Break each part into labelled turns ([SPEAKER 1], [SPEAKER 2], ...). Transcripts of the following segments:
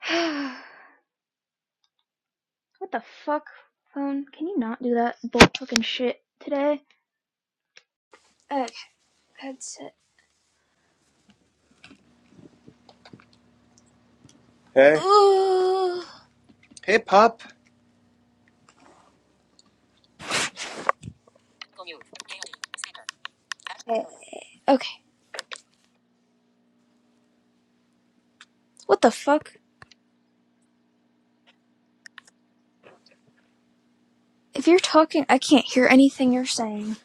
[SPEAKER 1] what the fuck, phone? Can you not do that bull fucking shit today? Okay, headset.
[SPEAKER 2] Hey,
[SPEAKER 1] Ooh.
[SPEAKER 2] hey, pop.
[SPEAKER 1] Okay. okay. What the fuck? If you're talking, I can't hear anything you're saying.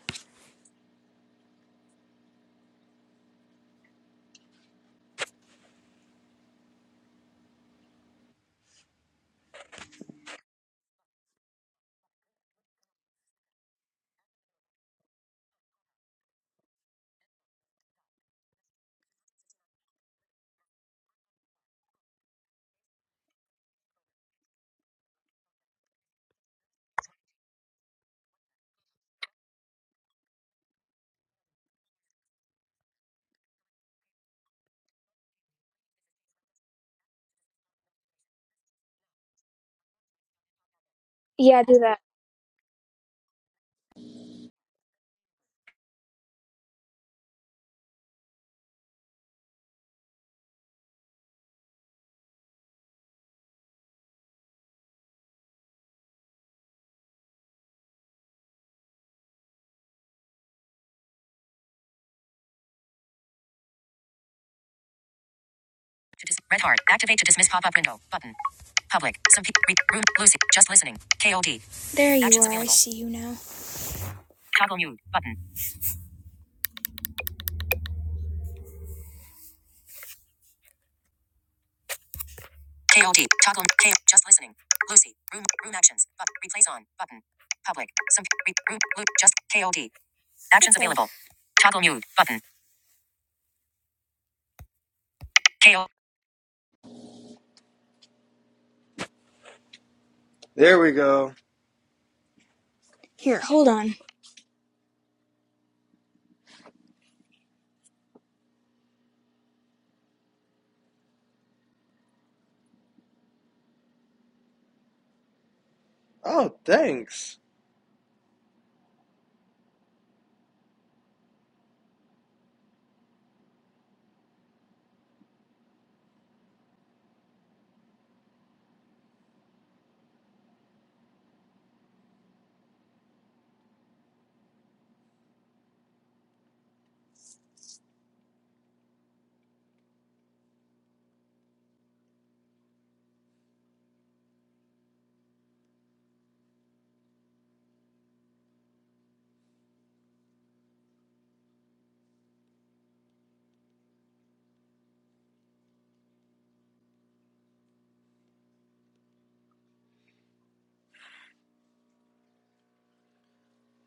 [SPEAKER 1] Yeah, do that. To dis- red heart. Activate to dismiss pop-up window. Button. Public. Some people. room. Lucy. Just listening. KOD. There you Actions are. Available. I see you now. Toggle mute. Button. KOD. Toggle. K. Just listening. Lucy. Room. Room actions. Button. replace on. Button. Public. Some. Re- room. just. KOD. Actions available. Toggle mute button. KO.
[SPEAKER 2] There we go.
[SPEAKER 1] Here, hold on.
[SPEAKER 2] Oh, thanks.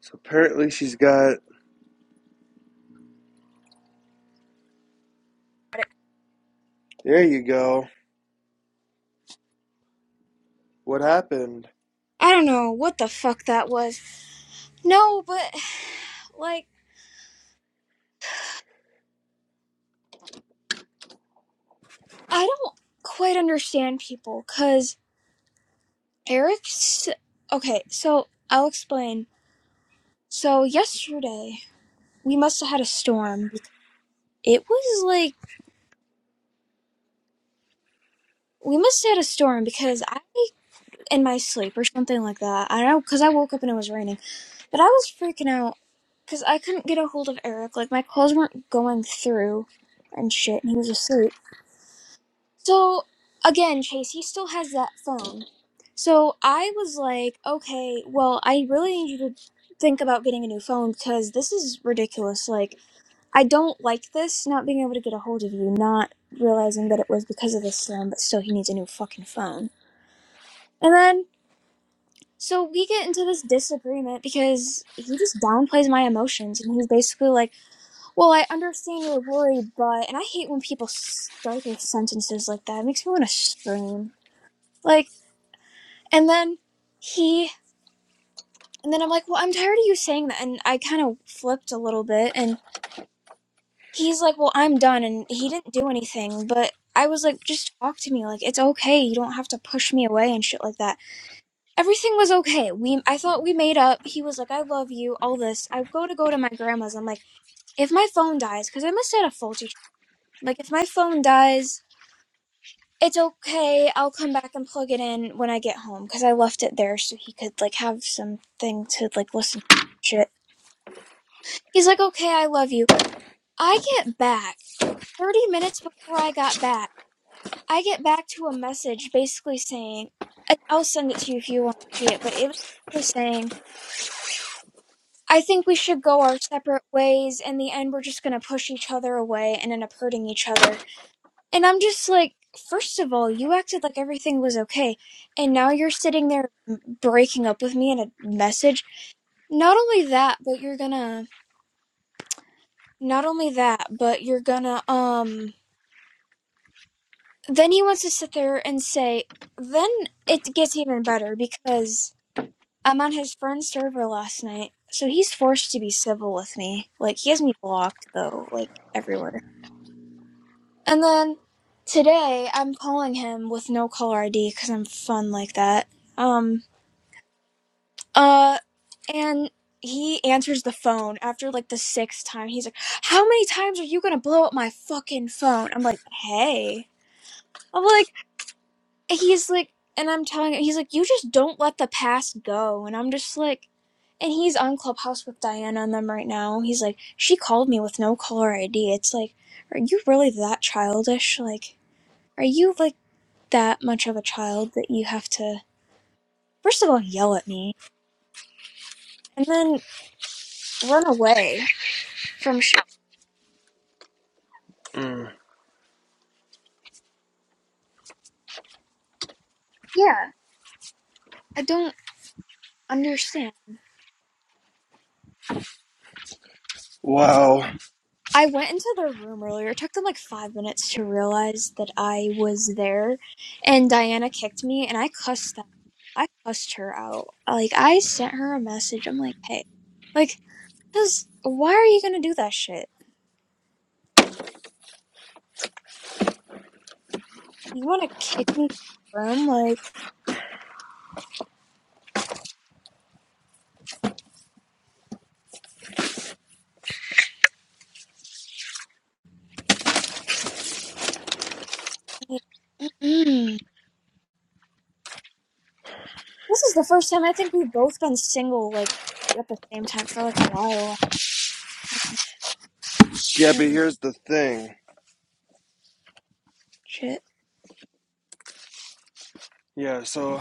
[SPEAKER 2] So apparently she's got. There you go. What happened?
[SPEAKER 1] I don't know what the fuck that was. No, but like I don't quite understand people cuz Eric's Okay, so I'll explain. So yesterday we must have had a storm. It was like we must have had a storm because I in my sleep or something like that. I don't know because I woke up and it was raining, but I was freaking out because I couldn't get a hold of Eric. Like my calls weren't going through and shit, and he was asleep. So again, Chase, he still has that phone. So I was like, okay, well, I really need you to think about getting a new phone because this is ridiculous. Like I don't like this not being able to get a hold of you, not realizing that it was because of this slam, but still he needs a new fucking phone. And then So we get into this disagreement because he just downplays my emotions and he's basically like, Well, I understand you're worried, but. And I hate when people start their sentences like that. It makes me want to scream. Like, and then he. And then I'm like, Well, I'm tired of you saying that. And I kind of flipped a little bit and he's like, Well, I'm done. And he didn't do anything, but I was like, Just talk to me. Like, it's okay. You don't have to push me away and shit like that everything was okay. We I thought we made up. He was like, "I love you," all this. I go to go to my grandma's. I'm like, if my phone dies, because I must have had a faulty. tr- Like, if my phone dies, it's okay. I'll come back and plug it in when I get home because I left it there so he could like have something to like listen to shit. He's like, "Okay, I love you." I get back thirty minutes before I got back. I get back to a message basically saying, I- "I'll send it to you if you want to see it," but it was basically saying I think we should go our separate ways. In the end, we're just gonna push each other away and end up hurting each other. And I'm just like, first of all, you acted like everything was okay, and now you're sitting there breaking up with me in a message. Not only that, but you're gonna. Not only that, but you're gonna. Um. Then he wants to sit there and say. Then it gets even better because I'm on his friend's server last night, so he's forced to be civil with me. Like he has me blocked though, like everywhere. And then today I'm calling him with no caller ID because I'm fun like that. Um, uh, and he answers the phone after like the sixth time. He's like, How many times are you gonna blow up my fucking phone? I'm like, Hey. I'm like, He's like, and I'm telling him, he's like, You just don't let the past go. And I'm just like, and he's on Clubhouse with Diana and them right now. He's like, she called me with no caller ID. It's like, are you really that childish? Like, are you like? that much of a child that you have to, first of all, yell at me and then run away from shit.
[SPEAKER 2] Mm.
[SPEAKER 1] Yeah, I don't understand.
[SPEAKER 2] Wow.
[SPEAKER 1] I went into their room earlier. It took them like five minutes to realize that I was there, and Diana kicked me, and I cussed that. I cussed her out. Like I sent her a message. I'm like, hey, like, cause why are you gonna do that shit? You want to kick me from the room? Like, mm, This is the first time I think we've both been single, like, at the same time for, like, a while.
[SPEAKER 2] Yeah, but
[SPEAKER 1] Mm,
[SPEAKER 2] here's the thing.
[SPEAKER 1] shit.
[SPEAKER 2] Yeah, so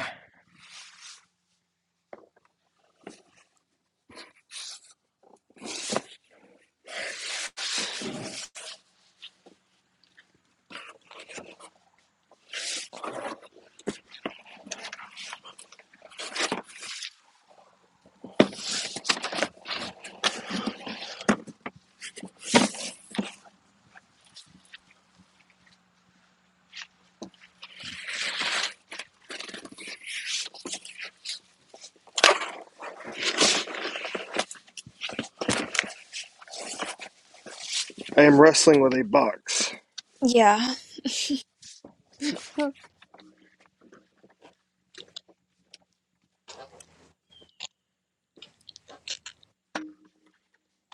[SPEAKER 2] I am wrestling with a box.
[SPEAKER 1] Yeah.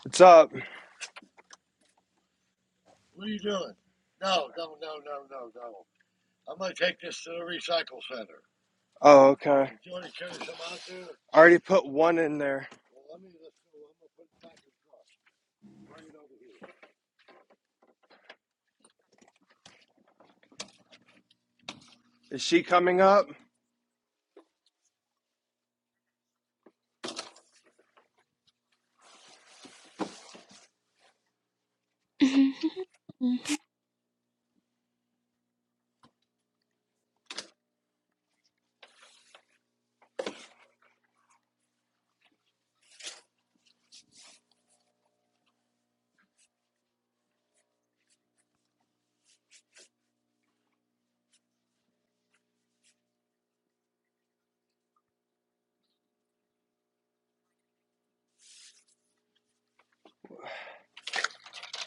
[SPEAKER 2] What's up? Oh, okay. I already put one in there. Is she coming up?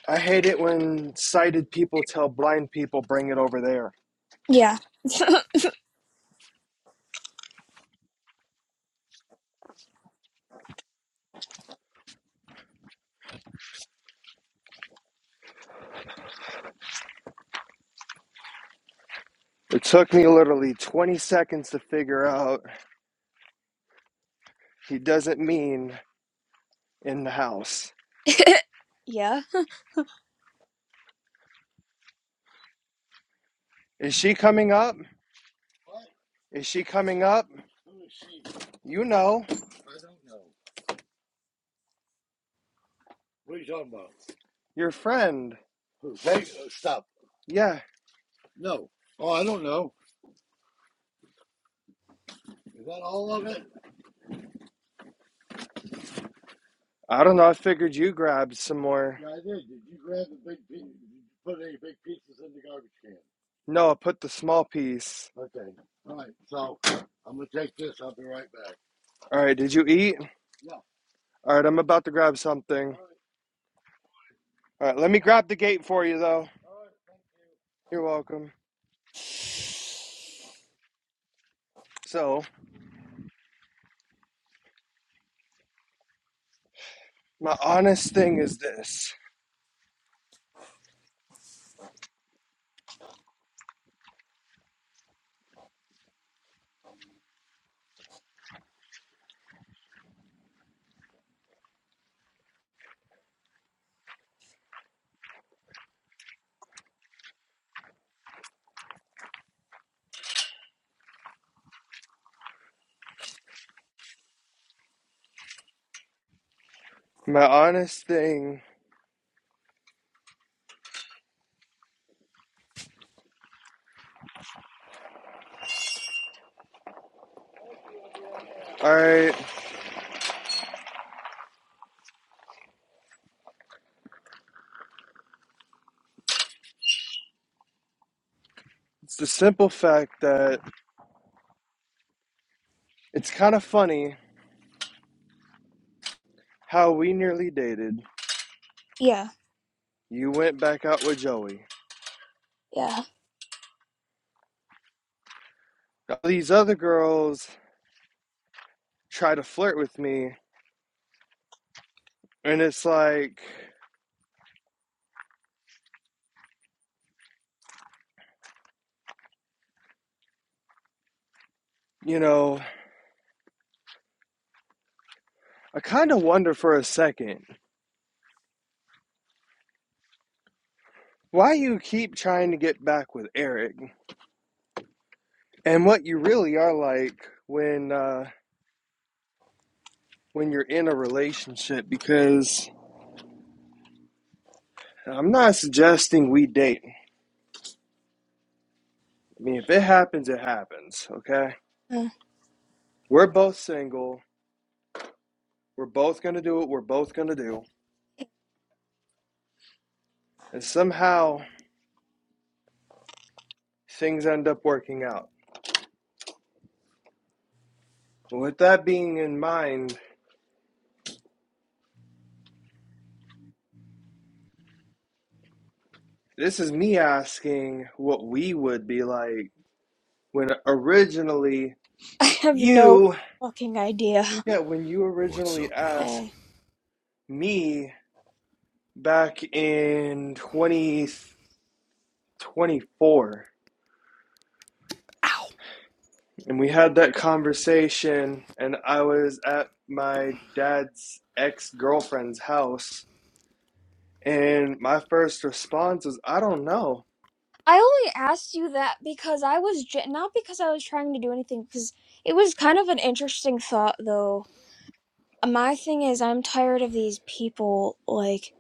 [SPEAKER 2] I hate it when sighted people tell blind people bring it over there.
[SPEAKER 1] yeah.
[SPEAKER 2] It took me literally 20 seconds to figure out he doesn't mean in the house.
[SPEAKER 1] yeah.
[SPEAKER 2] Is she coming up? Is she coming up? You know, your friend. Yeah. I don't know. I figured you grabbed some more. No, I put the small piece. All right, did you eat? All right, I'm about to grab something. All right, let me grab the gate for you, though. You're welcome. So, my honest thing is this. My honest thing, all right, it's the simple fact that it's kind of funny how we nearly dated.
[SPEAKER 1] Yeah.
[SPEAKER 2] You went back out with Joey.
[SPEAKER 1] Yeah.
[SPEAKER 2] All these other girls try to flirt with me, and it's like, you know, I kind of wonder for a second why you keep trying to get back with Eric and what you really are like when uh, when you're in a relationship. Because I'm not suggesting we date. I mean, if it happens, it happens. Okay,
[SPEAKER 1] Uh,
[SPEAKER 2] we're both single. We're both gonna do what we're both gonna do,
[SPEAKER 1] I
[SPEAKER 2] and somehow things end up working out. With that being in mind This is me asking what we would be like when originally
[SPEAKER 1] have no
[SPEAKER 2] you,
[SPEAKER 1] fucking idea.
[SPEAKER 2] yeah, when you
[SPEAKER 3] What's
[SPEAKER 2] originally
[SPEAKER 3] up,
[SPEAKER 2] asked
[SPEAKER 3] y'all?
[SPEAKER 1] Hey.
[SPEAKER 2] me back in 2024,
[SPEAKER 3] Ow!
[SPEAKER 2] and we had that conversation, and I was at my dad's ex girlfriend's house, and my first response was, I don't know.
[SPEAKER 1] I only asked you that because I was, j- not because I was trying to do anything, because it was kind of an interesting thought, though. My thing is, I'm tired of these people, like,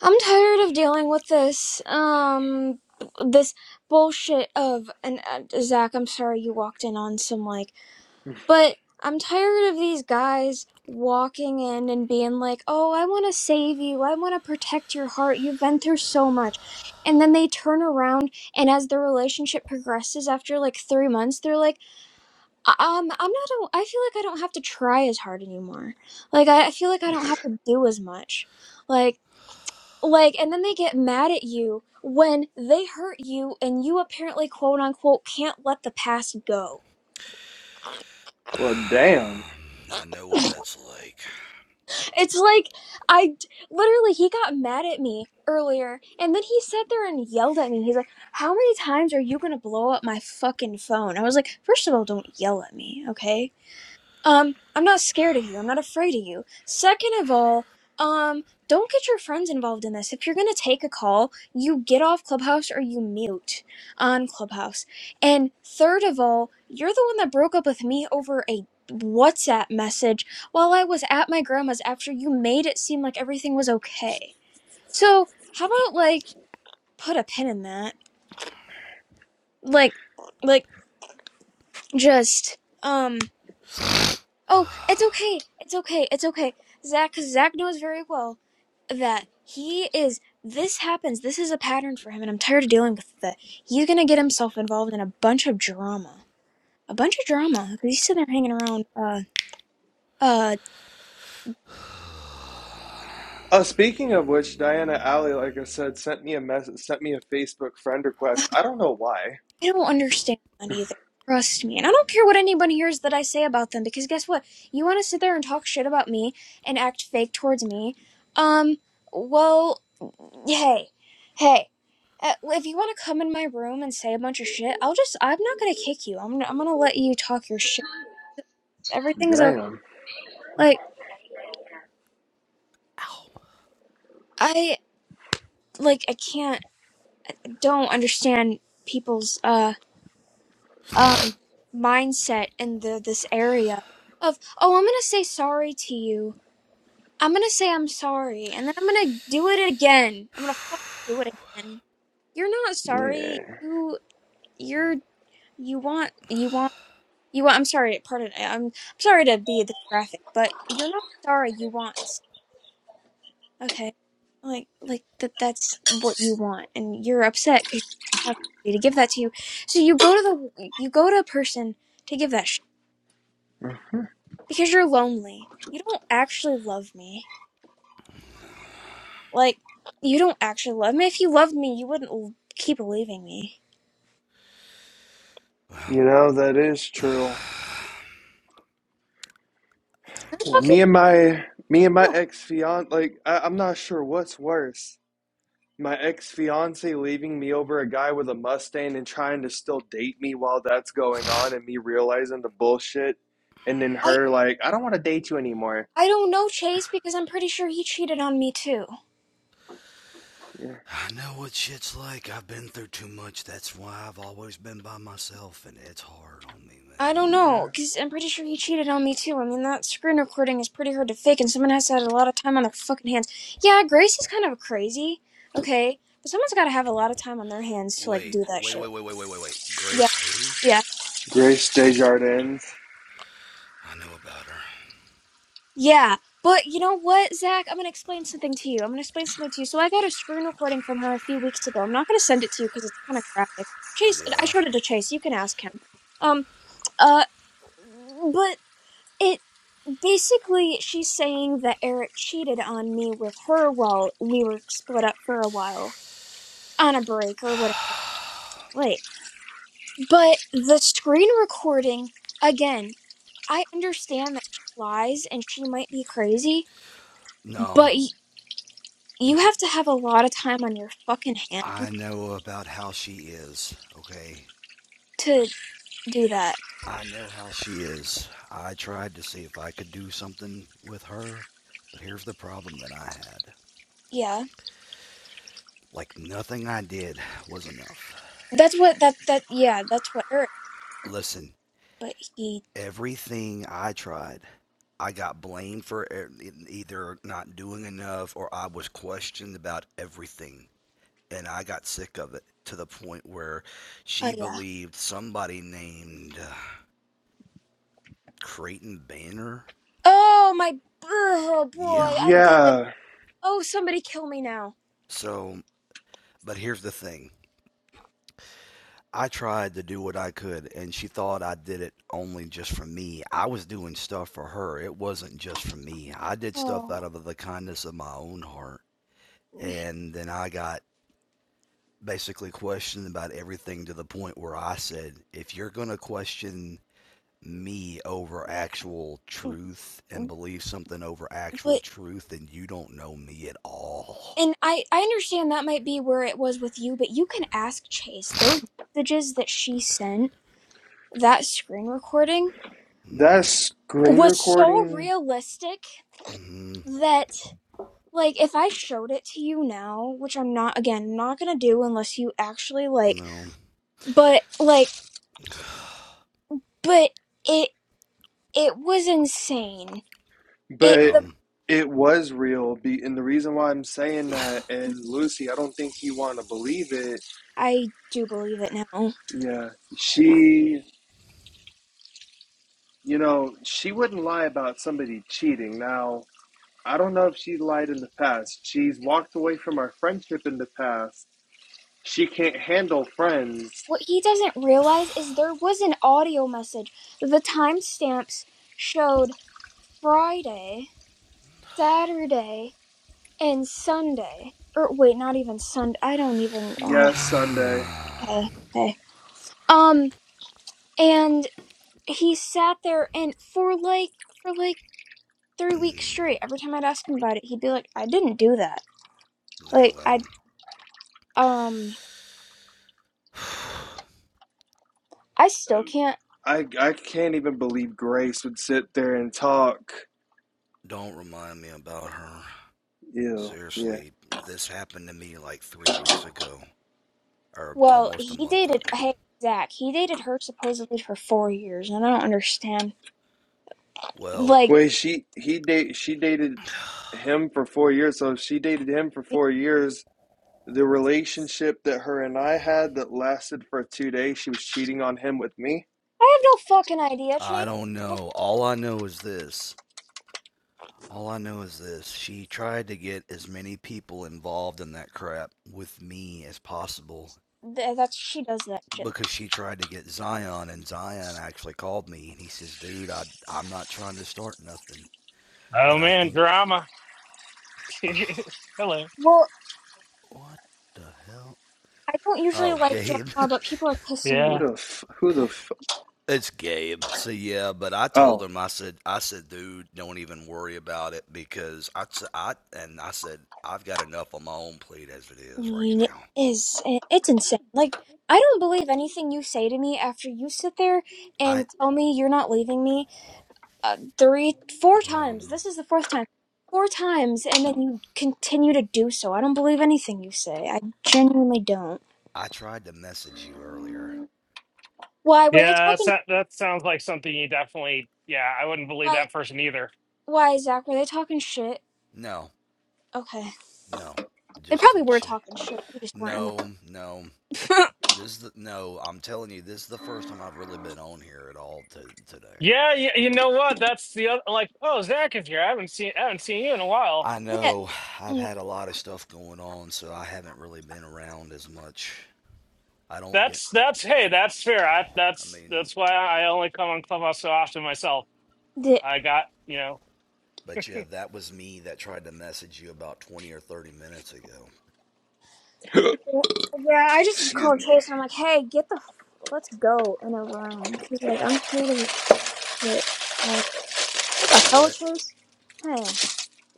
[SPEAKER 1] I'm tired of dealing with this, um, this bullshit of, and uh, Zach, I'm sorry you walked in on some, like, but I'm tired of these guys walking in and being like, oh, I want to save you. I want to protect your heart. You've been through so much. And then they turn around, and as the relationship progresses after like three months, they're like, um, I'm not, a- I feel like I don't have to try as hard anymore. Like, I I feel like I don't have to do as much. Like, like, and then they get mad at you when they hurt you and you apparently, quote unquote, can't let the past go.
[SPEAKER 2] Well, damn.
[SPEAKER 3] I know what that's like.
[SPEAKER 1] It's like, I d- literally, he got mad at me earlier and then he sat there and yelled at me. He's like, How many times are you gonna blow up my fucking phone? I was like, First of all, don't yell at me, okay? Um, I'm not scared of you. I'm not afraid of you. Second of all, um, don't get your friends involved in this. If you're gonna take a call, you get off Clubhouse or you mute on Clubhouse. And third of all, you're the one that broke up with me over a WhatsApp message while I was at my grandma's after you made it seem like everything was okay. So how about like put a pin in that? Like, like just um. Oh, it's okay. It's okay. It's okay. Zach, because Zach knows very well that he is. This happens. This is a pattern for him, and I'm tired of dealing with that. He's gonna get himself involved in a bunch of drama. A bunch of drama. 'cause He's sitting there hanging around. Uh, uh,
[SPEAKER 3] Ow.
[SPEAKER 2] Uh, speaking of which, Diana Alley, like I said, sent me a message, sent me a Facebook friend request. I don't know why.
[SPEAKER 1] I don't understand that either. Trust me, and I don't care what anyone hears that I say about them, because guess what? You want to sit there and talk shit about me and act fake towards me. Um, well, hey, hey, uh, if you want to come in my room and say a bunch of shit, I'll just, I'm not gonna kick you. I'm, I'm gonna let you talk your shit. Everything's okay.
[SPEAKER 2] Damn.
[SPEAKER 1] Like, I, like, I can't, don't understand people's, uh, um, mindset in the, this area of, oh, I'm gonna say sorry to you. I'm gonna say I'm sorry, and then I'm gonna do it again. I'm gonna fucking do it again. You're not sorry.
[SPEAKER 2] Yeah.
[SPEAKER 1] You, you're, you want, you want. You want? I'm sorry. Pardon. I'm, I'm sorry to be this graphic, but you're not sorry. You want. s- Okay. Like like that. That's what you want, and you're upset because you don't have somebody to give that to you. So you go to the you go to a person to give that shit
[SPEAKER 2] Mm-hmm.
[SPEAKER 1] because you're lonely. You don't actually love me. Like you don't actually love me. If you loved me, you wouldn't l- keep leaving me.
[SPEAKER 3] Well,
[SPEAKER 2] You know that is true.
[SPEAKER 3] I,
[SPEAKER 1] Am I
[SPEAKER 2] Yeah,
[SPEAKER 1] talking?
[SPEAKER 2] me and my me and my ex fiance, like I, I'm not sure what's worse. My ex fiance leaving me over a guy with a Mustang and trying to still date me while that's going on, and me realizing the bullshit, and then
[SPEAKER 1] I
[SPEAKER 2] her like, I don't want to date you anymore.
[SPEAKER 1] I don't know Chase because I'm pretty sure he cheated on me too.
[SPEAKER 2] Yeah.
[SPEAKER 3] I know what shit's like. I've been through too much. That's why I've always been by myself, and it's hard on me,
[SPEAKER 1] I don't
[SPEAKER 3] man.
[SPEAKER 2] yeah.
[SPEAKER 1] know, because I'm pretty sure he cheated on me too. I mean, that screen recording is pretty hard to fake, and someone has to have a lot of time on their fucking hands. Yeah, Grace is kind of crazy, okay, but someone's got to have a lot of time on their hands to, like,
[SPEAKER 3] Wait,
[SPEAKER 1] do that
[SPEAKER 3] wait,
[SPEAKER 1] shit.
[SPEAKER 3] wait, wait, wait, wait, wait, wait.
[SPEAKER 1] Yeah,
[SPEAKER 3] Grace who?
[SPEAKER 1] yeah.
[SPEAKER 2] Grace Desjardins.
[SPEAKER 3] I know about her.
[SPEAKER 1] Yeah, but you know what, Zach? I'm gonna explain something to you. I'm gonna explain something to you. So I got a screen recording from her a few weeks ago. I'm not gonna send it to you because it's kind of graphic. Chase, I
[SPEAKER 3] Yeah,
[SPEAKER 1] showed it to Chase. You can ask him. Um, uh, but It basically she's saying that Eric cheated on me with her while we were split up for a while on a break or whatever. Late. But the screen recording again, I understand that she lies and she might be crazy,
[SPEAKER 3] no,
[SPEAKER 1] but y- you have to have a lot of time on your fucking
[SPEAKER 3] I
[SPEAKER 1] hands
[SPEAKER 3] know about how she is, okay?
[SPEAKER 1] to do that.
[SPEAKER 3] I know how she is. I tried to see if I could do something with her, but here's the problem that I had.
[SPEAKER 1] Yeah.
[SPEAKER 3] Like, nothing I did was enough.
[SPEAKER 1] That's what that that yeah, that's what Eric,
[SPEAKER 3] Listen,
[SPEAKER 1] but he
[SPEAKER 3] everything I tried, I got blamed for e- either not doing enough or I was questioned about everything. and I got sick of it to the point where
[SPEAKER 1] oh
[SPEAKER 3] she
[SPEAKER 1] yeah.
[SPEAKER 3] believed somebody named uh, Creighton Banner.
[SPEAKER 1] Oh my oh
[SPEAKER 3] Yeah.
[SPEAKER 1] boy, I dated.
[SPEAKER 2] Yeah.
[SPEAKER 1] Oh, somebody kill me now.
[SPEAKER 3] So, but here's the thing. I tried to do what I could, and she thought I did it only just for me. I was doing stuff for her. It wasn't just for me. I did stuff out
[SPEAKER 1] Oh,
[SPEAKER 3] of the kindness of my own heart. And then I got basically questioned about everything to the point where I said, if you're going to question me over actual truth and believe something over actual
[SPEAKER 1] but
[SPEAKER 3] truth, then you don't know me at all.
[SPEAKER 1] and I I understand that might be where it was with you, but you can ask Chase. Those messages that she sent, that screen recording
[SPEAKER 3] Mm,
[SPEAKER 2] That's screen
[SPEAKER 1] was so
[SPEAKER 2] recording,
[SPEAKER 1] realistic
[SPEAKER 3] hmm
[SPEAKER 1] that like if I showed it to you now, which I'm not again not gonna do unless you actually like,
[SPEAKER 3] no.
[SPEAKER 1] but like but it it was insane. It
[SPEAKER 2] but
[SPEAKER 1] the
[SPEAKER 3] well.
[SPEAKER 2] it was real. Be and the reason why I'm saying that, and Lucy, I don't think you want to believe it.
[SPEAKER 1] I do believe it now.
[SPEAKER 2] Yeah, she, you know, she wouldn't lie about somebody cheating. Now, I don't know if she lied in the past. She's walked away from our friendship in the past. She can't handle friends.
[SPEAKER 1] What he doesn't realize is there was an audio message. The timestamps showed Friday, Saturday, and Sunday. Or wait, not even Sunday. I don't even.
[SPEAKER 2] Yes, Sunday.
[SPEAKER 1] Uh, uh, hey. Um, and he sat there and for like for like three weeks
[SPEAKER 3] Mm,
[SPEAKER 1] straight. Every time I'd ask him about it, he'd be like, I didn't do that.
[SPEAKER 3] no,
[SPEAKER 1] Like,
[SPEAKER 3] well.
[SPEAKER 1] I, um, I still can't.
[SPEAKER 2] I I can't even believe Grace would sit there and talk.
[SPEAKER 3] don't remind me about her.
[SPEAKER 2] Ew. Yeah.
[SPEAKER 3] Seriously, this happened to me like three weeks ago, or
[SPEAKER 1] Well,
[SPEAKER 3] almost a
[SPEAKER 1] he
[SPEAKER 3] month
[SPEAKER 1] dated,
[SPEAKER 3] ago.
[SPEAKER 1] hey, Zach, he dated her supposedly for four years, and I don't understand.
[SPEAKER 3] Well,
[SPEAKER 1] Like,
[SPEAKER 2] Wait, she he date she dated him for four years. So if she dated him for
[SPEAKER 1] I
[SPEAKER 2] four years, the relationship that her and I had that lasted for two days, she was cheating on him with me.
[SPEAKER 1] have no fucking idea,
[SPEAKER 3] I
[SPEAKER 1] Chase.
[SPEAKER 3] don't know. All I know is this. All I know is this, she tried to get as many people involved in that crap with me as possible
[SPEAKER 1] That's, she does that shit.
[SPEAKER 3] because she tried to get Zion and Zion actually called me and he says, "Dude, I I'm not trying to start nothing, but
[SPEAKER 4] Oh
[SPEAKER 3] I
[SPEAKER 4] man,
[SPEAKER 3] think
[SPEAKER 4] drama.
[SPEAKER 3] oh,
[SPEAKER 4] Hello.
[SPEAKER 1] Well,
[SPEAKER 3] what the hell?
[SPEAKER 1] I don't usually
[SPEAKER 3] Oh,
[SPEAKER 1] like
[SPEAKER 3] Gabe.
[SPEAKER 1] drama, but people are pissing me
[SPEAKER 2] Who
[SPEAKER 4] Yeah.
[SPEAKER 2] the f- who the
[SPEAKER 1] off.
[SPEAKER 2] f-
[SPEAKER 3] it's Gabe. So yeah, but I told
[SPEAKER 2] oh,
[SPEAKER 3] him I said I said, "Dude, don't even worry about it because I I and I said I've got enough on my own plate as it
[SPEAKER 1] I
[SPEAKER 3] is right
[SPEAKER 1] mean, It
[SPEAKER 3] now."
[SPEAKER 1] is, it's insane. Like, I don't believe anything you say to me after you sit there and
[SPEAKER 3] I
[SPEAKER 1] tell me you're not leaving me uh, three, four
[SPEAKER 3] well,
[SPEAKER 1] times.
[SPEAKER 3] um,
[SPEAKER 1] This is the fourth time. Four times, and then you continue to do so. I don't believe anything you say. I genuinely don't.
[SPEAKER 3] I tried to message you earlier.
[SPEAKER 1] Why were they
[SPEAKER 4] Yeah, that's,
[SPEAKER 1] talking?
[SPEAKER 4] that that sounds like something you definitely yeah, I wouldn't believe
[SPEAKER 1] Like,
[SPEAKER 4] that person either.
[SPEAKER 1] why Zach? Were they talking shit?
[SPEAKER 3] No,
[SPEAKER 1] Okay,
[SPEAKER 3] no,
[SPEAKER 1] they
[SPEAKER 3] just to
[SPEAKER 1] probably were
[SPEAKER 3] check.
[SPEAKER 1] talking shit. You just weren't in the.
[SPEAKER 3] No, no. This is the, no, I'm telling you, this is the first time I've really been on here at all to, today.
[SPEAKER 4] Yeah, you, you know what? That's the other like, oh, Zach is here. I haven't seen I haven't seen you in a while.
[SPEAKER 3] I
[SPEAKER 1] yeah.
[SPEAKER 3] know I've
[SPEAKER 1] Mm,
[SPEAKER 3] had a lot of stuff going on, so I haven't really been around as much. I don't get,
[SPEAKER 4] That's that's hey, that's fair. I,
[SPEAKER 3] I
[SPEAKER 4] that's
[SPEAKER 3] mean,
[SPEAKER 4] that's why I only come on Clubhouse so often myself.
[SPEAKER 1] yeah,
[SPEAKER 4] I got, you know.
[SPEAKER 3] but yeah, that was me that tried to message you about 20 or 30 minutes ago.
[SPEAKER 1] yeah, I just
[SPEAKER 2] excuse
[SPEAKER 1] called
[SPEAKER 2] me.
[SPEAKER 1] Chase and I'm like, "Hey, get the, f- let's go in a room." She's like, "I'm tired of it." Like, what the
[SPEAKER 3] You're
[SPEAKER 1] hell,
[SPEAKER 3] what?
[SPEAKER 1] Chase? Hey,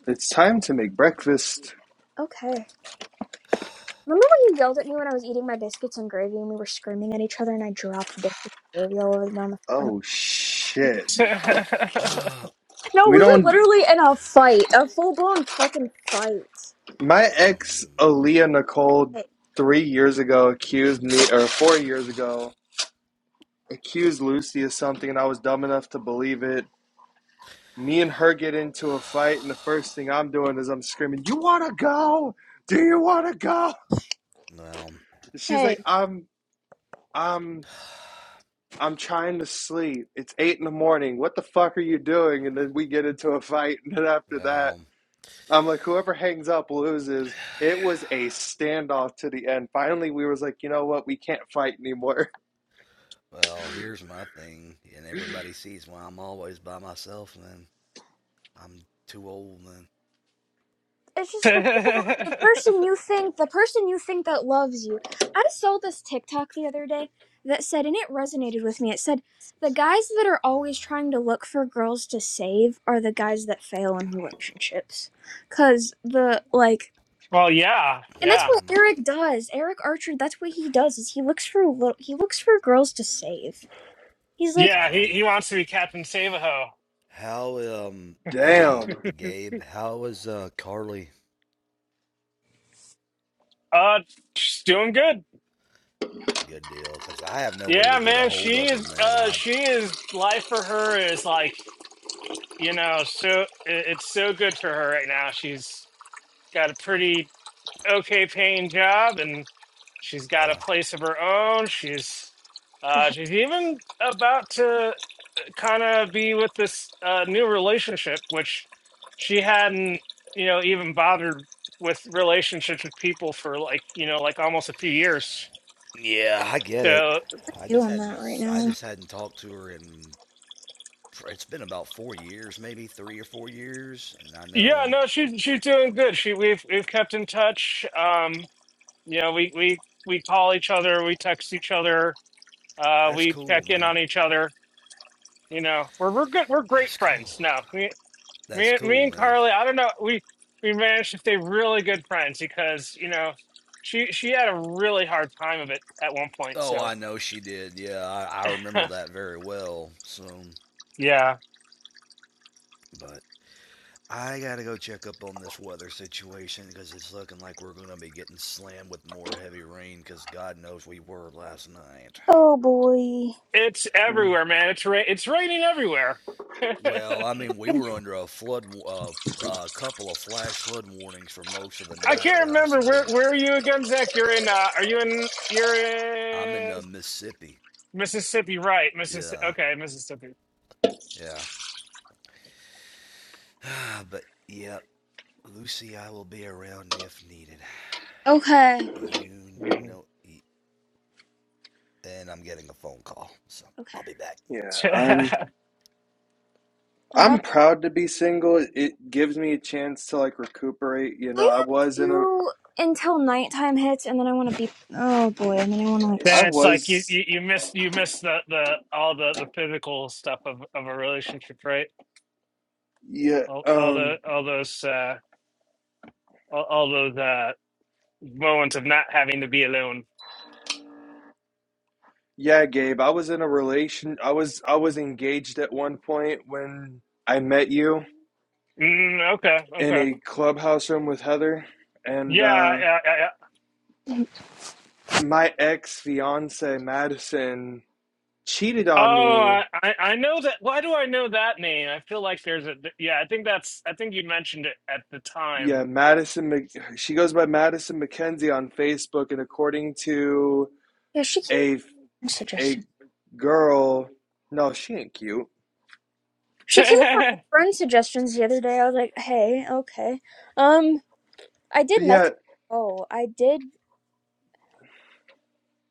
[SPEAKER 2] It's time to make breakfast.
[SPEAKER 1] okay. Remember when you yelled at me when I was eating my biscuits and gravy and we were screaming at each other and I dropped biscuits and gravy all over down the front
[SPEAKER 2] Oh
[SPEAKER 1] of
[SPEAKER 2] shit.
[SPEAKER 1] No,
[SPEAKER 2] We
[SPEAKER 1] we
[SPEAKER 3] hey,
[SPEAKER 1] were
[SPEAKER 2] don't.
[SPEAKER 1] literally in a fight. A full blown fucking fight.
[SPEAKER 2] My ex,
[SPEAKER 3] um,
[SPEAKER 2] Aaliyah Nicole,
[SPEAKER 1] Hey.
[SPEAKER 2] three years ago accused me, or four years ago, accused Lucy of something, and I was dumb enough to believe it me and her get into a fight, and the first thing I'm doing is I'm screaming, "You want to go? Do you want to go?"
[SPEAKER 3] well,
[SPEAKER 2] And she's like,
[SPEAKER 1] Hey.
[SPEAKER 2] "I'm, I'm, I'm trying to sleep. It's eight in the morning. What the fuck are you doing?" And then we get into a fight, and then after that,
[SPEAKER 3] well.
[SPEAKER 2] I'm like, "Whoever hangs up loses." It was a standoff to the end. Finally, we was like, "You know what? We can't fight anymore."
[SPEAKER 3] Well, here's my thing, and everybody sees why I'm always by myself, Man, I'm too old, and
[SPEAKER 1] It's just the people the person you think the person you think that loves you. I saw this TikTok the other day that said and it resonated with me. It said the guys that are always trying
[SPEAKER 3] uh,
[SPEAKER 1] to look for girls to save are the guys that fail in relationships. Cause the like
[SPEAKER 4] well, yeah.
[SPEAKER 1] And that's
[SPEAKER 4] Yeah.
[SPEAKER 1] what
[SPEAKER 3] um,
[SPEAKER 1] Eric does. Eric Archer, that's what he does is he looks for a little he looks for girls to save. He's like
[SPEAKER 4] Yeah, he
[SPEAKER 3] well,
[SPEAKER 4] he wants to be Captain Savaho.
[SPEAKER 3] how um, hey
[SPEAKER 2] Damn.
[SPEAKER 3] Gabe, how is uh Carly?
[SPEAKER 4] Uh just doing good.
[SPEAKER 3] Good deal, cause I have no way
[SPEAKER 4] Yeah,
[SPEAKER 3] to get a
[SPEAKER 4] man,
[SPEAKER 3] hold
[SPEAKER 4] she
[SPEAKER 3] of her,
[SPEAKER 4] is
[SPEAKER 3] man.
[SPEAKER 4] uh
[SPEAKER 3] I
[SPEAKER 4] she is life for her is like, you know, so it- it's so good for her right now. She's got a pretty okay paying job and she's got a
[SPEAKER 3] uh,
[SPEAKER 4] place of her own. She's uh she's even about to kind of be with this uh new relationship which she hadn't, you know, even bothered with relationships with people for like, you know, like almost a few years.
[SPEAKER 3] yeah, I get it.
[SPEAKER 4] So.
[SPEAKER 3] I just
[SPEAKER 1] doing that right
[SPEAKER 3] hadn't I
[SPEAKER 1] now.
[SPEAKER 3] just hadn't talked to her in it's been about four years, maybe three or four years, and I know
[SPEAKER 4] Yeah, no, she's she's doing good. She we've we've kept in touch. Um, you know, we we we call each other, we text each other, uh,
[SPEAKER 3] that's
[SPEAKER 4] we check
[SPEAKER 3] cool,
[SPEAKER 4] in
[SPEAKER 3] man.
[SPEAKER 4] on each other. You know, we're we're good. We're great
[SPEAKER 3] That's
[SPEAKER 4] friends
[SPEAKER 3] cool.
[SPEAKER 4] now. Me
[SPEAKER 3] That's
[SPEAKER 4] me me
[SPEAKER 3] cool,
[SPEAKER 4] and
[SPEAKER 3] man.
[SPEAKER 4] Carly. I don't know. We we managed to stay really good friends because you know she she had a really hard time of it at one point.
[SPEAKER 3] Oh,
[SPEAKER 4] So
[SPEAKER 3] I know she did. Yeah, I, I remember that very well. So,
[SPEAKER 4] yeah,
[SPEAKER 3] but I got to go check up on this weather situation because it's looking like we're going to be getting slammed with more heavy rain because God knows we were last night.
[SPEAKER 1] Oh boy.
[SPEAKER 4] it's
[SPEAKER 2] Mm,
[SPEAKER 4] everywhere, man. It's ra- it's raining everywhere.
[SPEAKER 3] Well, I mean, we were under a flood, a uh, uh, couple of flash flood warnings for most of the
[SPEAKER 4] I
[SPEAKER 3] night
[SPEAKER 4] can't
[SPEAKER 3] last
[SPEAKER 4] remember where
[SPEAKER 3] night.
[SPEAKER 4] where are you again, Zach? You're in. Uh, are you in? You're
[SPEAKER 3] I'm in
[SPEAKER 4] in
[SPEAKER 3] uh, Mississippi.
[SPEAKER 4] Mississippi, right? Mississippi.
[SPEAKER 3] Yeah,
[SPEAKER 4] Okay, Mississippi.
[SPEAKER 3] yeah. but, yep, yeah, Lucy, I will be around if needed.
[SPEAKER 1] Okay.
[SPEAKER 3] You
[SPEAKER 4] Mm.
[SPEAKER 3] know, and I'm getting a phone call. So I'll
[SPEAKER 1] Okay.
[SPEAKER 3] be back.
[SPEAKER 2] Yeah, I'm.
[SPEAKER 1] I'm
[SPEAKER 2] I'm
[SPEAKER 1] about to
[SPEAKER 2] proud to be single. It gives me a chance to like recuperate. You know,
[SPEAKER 1] I
[SPEAKER 2] I
[SPEAKER 1] am
[SPEAKER 2] was in a
[SPEAKER 1] too until nighttime hits and then I wanna be Oh boy, and then I wanna
[SPEAKER 2] Yeah,
[SPEAKER 1] like
[SPEAKER 2] I
[SPEAKER 4] then it's like you,
[SPEAKER 2] was.
[SPEAKER 4] you you miss you miss the the all the the physical stuff of of a relationship, right?
[SPEAKER 2] Yeah,
[SPEAKER 4] All, all the
[SPEAKER 2] um,
[SPEAKER 4] all those uh all, all those uh moments of not having to be alone.
[SPEAKER 2] yeah, Gabe, I was in a relation. I was I was engaged at one point when I met you
[SPEAKER 4] Mm, okay,
[SPEAKER 2] in
[SPEAKER 4] okay.
[SPEAKER 2] a clubhouse room with Heather, and
[SPEAKER 4] Yeah,
[SPEAKER 2] uh,
[SPEAKER 4] yeah, yeah, yeah.
[SPEAKER 1] Mm,
[SPEAKER 2] my ex fiance Madison cheated
[SPEAKER 4] Oh,
[SPEAKER 2] on me.
[SPEAKER 4] I, I I know that. Why do I know that name? I feel like there's a th- yeah. I think that's. I think you mentioned it at the time.
[SPEAKER 2] Yeah, Madison. Mc- She goes by Madison McKenzie on Facebook, and according to
[SPEAKER 1] Yeah, she came up
[SPEAKER 2] a
[SPEAKER 1] with
[SPEAKER 2] a
[SPEAKER 1] suggestions.
[SPEAKER 2] girl, no, she ain't cute.
[SPEAKER 1] She came up with friend suggestions the other day. I was like, "Hey, okay." Um, I did
[SPEAKER 2] But yeah,
[SPEAKER 1] message. Oh, I did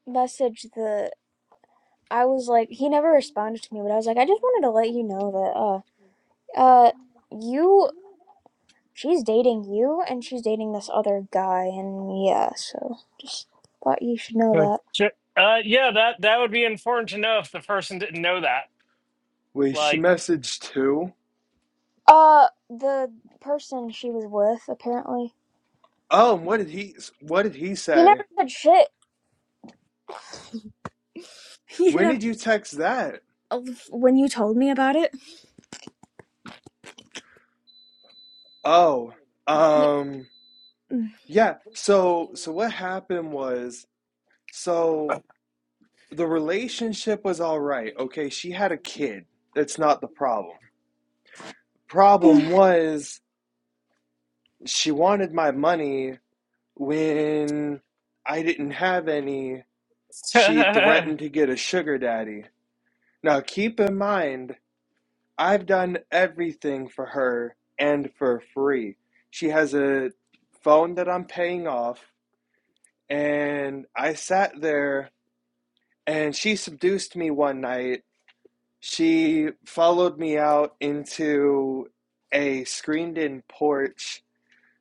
[SPEAKER 1] message the I was like, he never responded to me, but I was like, I just wanted to let you know that, uh, uh, you, she's dating you and she's dating this other guy, and yeah, so just thought you should know
[SPEAKER 4] Uh, yeah, that that would be important to know if the person didn't know that.
[SPEAKER 2] wait, she
[SPEAKER 4] Like,
[SPEAKER 2] messaged too.
[SPEAKER 1] that. Uh, the person she was with, apparently,
[SPEAKER 2] Oh, and what did he what did he
[SPEAKER 1] he
[SPEAKER 2] say?
[SPEAKER 1] never said shit. He
[SPEAKER 2] When
[SPEAKER 1] never,
[SPEAKER 2] did you text that?
[SPEAKER 1] when you told me about it,
[SPEAKER 2] Oh,
[SPEAKER 1] y-
[SPEAKER 2] um yeah, so so what happened was so the relationship was all right. Okay, she had a kid. That's not the problem. Problem was she wanted my money when I didn't have any. She
[SPEAKER 4] yeah,
[SPEAKER 2] threatened to get a sugar daddy. Now keep in mind I've done everything for her and for free. She has a phone that I'm paying off, and I sat there and she seduced me one night. She followed me out into a screened in porch,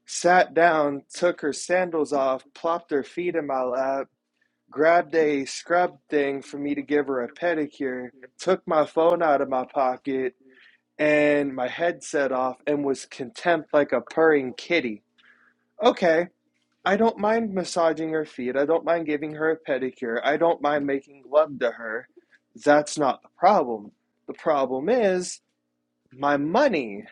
[SPEAKER 2] sat down, took her sandals off, plopped her feet in my lap, grabbed a scrub thing for me to give her a pedicure, took my phone out of my pocket, and my head set off and was contempt like a purring kitty. Okay, I don't mind massaging her feet. I don't mind giving her a pedicure. I don't mind making love to her. That's not the problem. The problem is my money.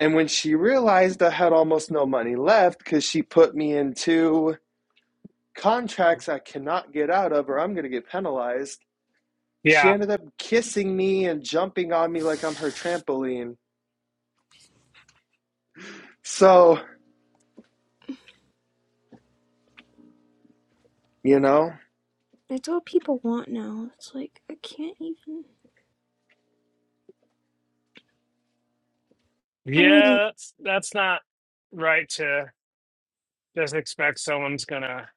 [SPEAKER 2] And when she realized I had almost no money left because she put me into contracts I cannot get out of or I'm going to get penalized, she
[SPEAKER 4] yeah,
[SPEAKER 2] ended up kissing me and jumping on me like I'm her trampoline. So, you know,
[SPEAKER 1] it's all people want now. It's like, I can't even, I don't even,
[SPEAKER 4] that's that's not right to just expect someone's gonna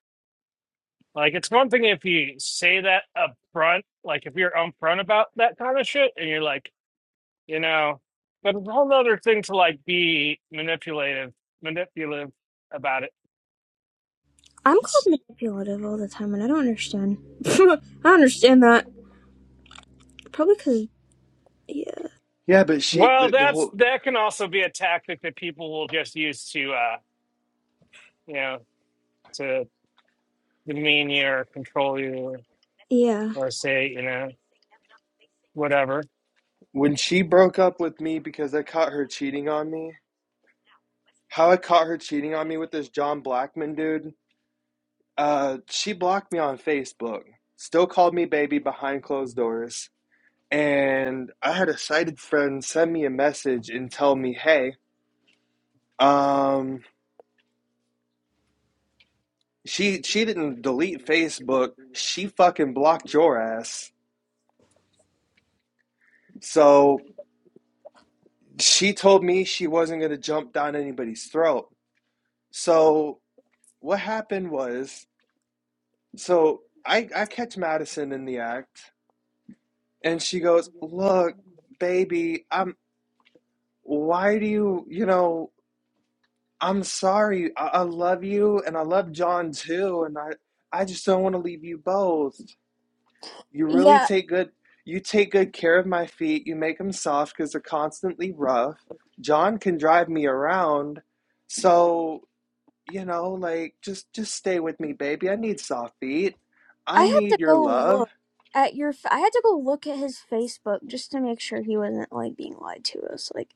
[SPEAKER 4] like. It's one thing if you say that up front, like if you're upfront about that kind of shit, and you're like. you know. But it's a whole other thing to like be manipulative, manipulative about it.
[SPEAKER 1] I'm called manipulative all the time, and I don't understand. I don't understand that. Probably because, yeah.
[SPEAKER 2] Yeah, but she
[SPEAKER 4] Well,
[SPEAKER 2] the, the
[SPEAKER 4] that's
[SPEAKER 2] whole
[SPEAKER 4] that can also be a tactic that people will just use to, uh, you know, to demean you or control you or,
[SPEAKER 1] Yeah.
[SPEAKER 4] or say, you know, whatever.
[SPEAKER 2] when she broke up with me because I caught her cheating on me. How I caught her cheating on me with this John Blackman dude. Uh, she blocked me on Facebook. Still called me baby behind closed doors. And I had a sighted friend send me a message and tell me, "Hey, um, she she didn't delete Facebook. She fucking blocked your ass." So she told me she wasn't gonna jump down anybody's throat. So what happened was so I I catch Madison in the act and she goes, "Look, baby, I'm why do you, you know, I'm sorry. I, I love you and I love John too and I I just don't want to leave you both. You really
[SPEAKER 1] Yeah,
[SPEAKER 2] take good you take good care of my feet. You make them soft cuz they're constantly rough. John can drive me around. So you know, like just just stay with me, baby. I need soft feet.
[SPEAKER 1] I
[SPEAKER 2] I
[SPEAKER 1] had
[SPEAKER 2] need
[SPEAKER 1] to
[SPEAKER 2] your
[SPEAKER 1] go
[SPEAKER 2] love.
[SPEAKER 1] look at your. f- I had to go look at his Facebook just to make sure he wasn't like being lied to. It was like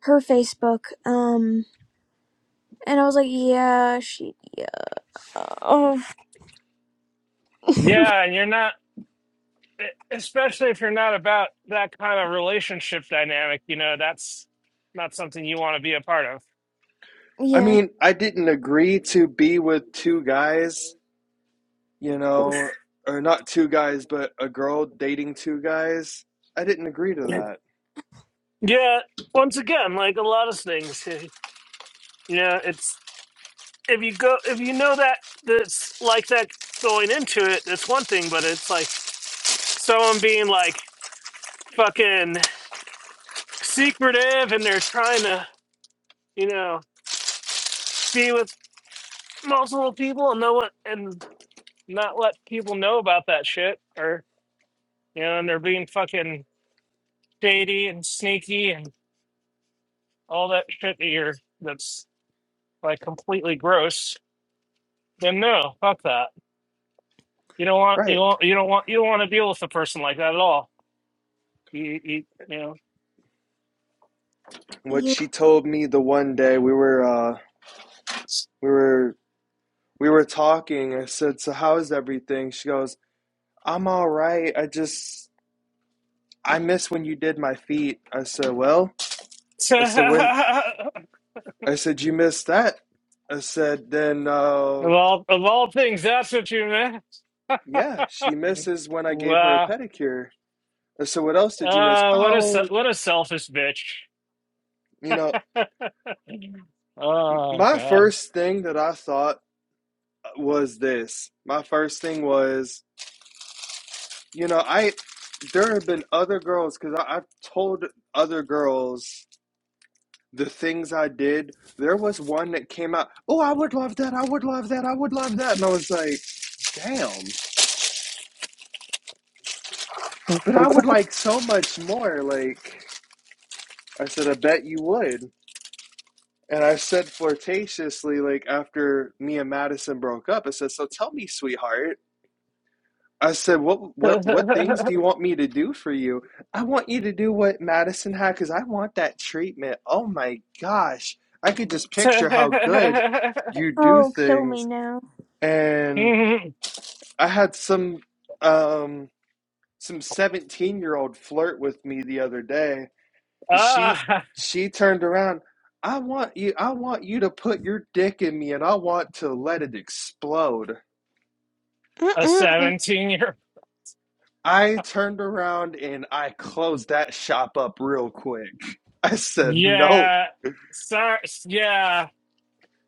[SPEAKER 1] her Facebook. Um, and I was like, yeah, she, yeah, oh,
[SPEAKER 4] Yeah, and you're not, e, especially if you're not about that kind of relationship dynamic. You know, that's not something you want to be a part of.
[SPEAKER 2] I
[SPEAKER 1] yeah.
[SPEAKER 2] mean, I didn't agree to be with two guys, you know, or not two guys, but a girl dating two guys. I didn't agree to that.
[SPEAKER 4] Yeah, once again, like a lot of things, you know, it's if you go if you know that that's like that going into it, it's one thing, but it's like someone being like fucking secretive and they're trying to, you know, be with multiple people and no one and not let people know about that shit or you know, and they're being fucking shady and sneaky and all that shit that you're that's like completely gross, then no, fuck that. You don't want you
[SPEAKER 2] Right.
[SPEAKER 4] don't you don't want you don't want to deal with a person like that at all. You you, you know.
[SPEAKER 2] What
[SPEAKER 1] Yeah.
[SPEAKER 2] she told me the one day we were uh we were we were talking. I said, "So how's everything?" She goes, "I'm all right. I just I miss when you did my feet." I said, "Well, I
[SPEAKER 4] of
[SPEAKER 2] said when I said, You missed that. I said, Then, uh,
[SPEAKER 4] all of all things, that's what you meant.
[SPEAKER 2] yeah, she misses when I gave her a
[SPEAKER 4] Wow.
[SPEAKER 2] pedicure. I said, What else did you miss?
[SPEAKER 4] Uh, what a se-
[SPEAKER 2] Oh,
[SPEAKER 4] what a selfish bitch.
[SPEAKER 2] you know,
[SPEAKER 4] oh
[SPEAKER 2] my
[SPEAKER 4] God.
[SPEAKER 2] first thing that I thought uh, was this. My first thing was, you know, I, there have been other girls, because I've told other girls the things I did. There was one that came out, Oh, I would love that. I would love that. I would love that. And I was like, Damn. But I would like so much more. Like, I said, I bet you would. And I said flirtatiously, like after me and Madison broke up, I said, So tell me, sweetheart. I said, What what what things do you want me to do for you? I want you to do what Madison had because I want that treatment. Oh my gosh. I could just picture how good you do
[SPEAKER 1] Oh, kill me
[SPEAKER 2] things.
[SPEAKER 1] now.
[SPEAKER 2] And
[SPEAKER 4] Mhm.
[SPEAKER 2] I had some um some 17 year old flirt with me the other day she
[SPEAKER 4] ah,
[SPEAKER 2] she turned around i want you i want you to put your dick in me and i want to let it explode
[SPEAKER 4] a
[SPEAKER 1] Mm-mm.
[SPEAKER 4] seventeen-year.
[SPEAKER 2] i turned around and i closed that shop up real quick i said no
[SPEAKER 4] Yeah. Sorry. Yeah.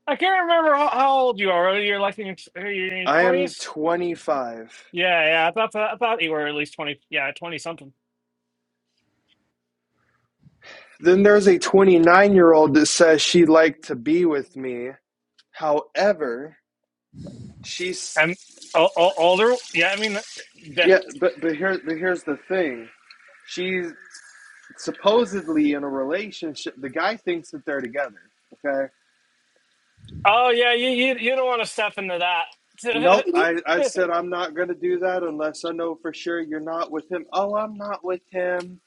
[SPEAKER 4] I can't remember how how old you are. Whether You're like in your, are you in your
[SPEAKER 2] i am
[SPEAKER 4] 20s?
[SPEAKER 2] 25
[SPEAKER 4] Yeah, yeah. I thought I thought you were at least 20. Yeah, 20 something.
[SPEAKER 2] then there's a 29 year old that says she'd like to be with me however
[SPEAKER 4] And
[SPEAKER 2] she's
[SPEAKER 4] o- o- older, yeah. I mean, the,
[SPEAKER 2] yeah but but here but here's the thing she's supposedly in a relationship the guy thinks that they're together okay
[SPEAKER 4] oh yeah, you you you don't want to step into
[SPEAKER 2] Nope, I, I
[SPEAKER 4] that.
[SPEAKER 2] said I'm not going to do that unless I know for sure you're not with him. Oh, I'm not with him.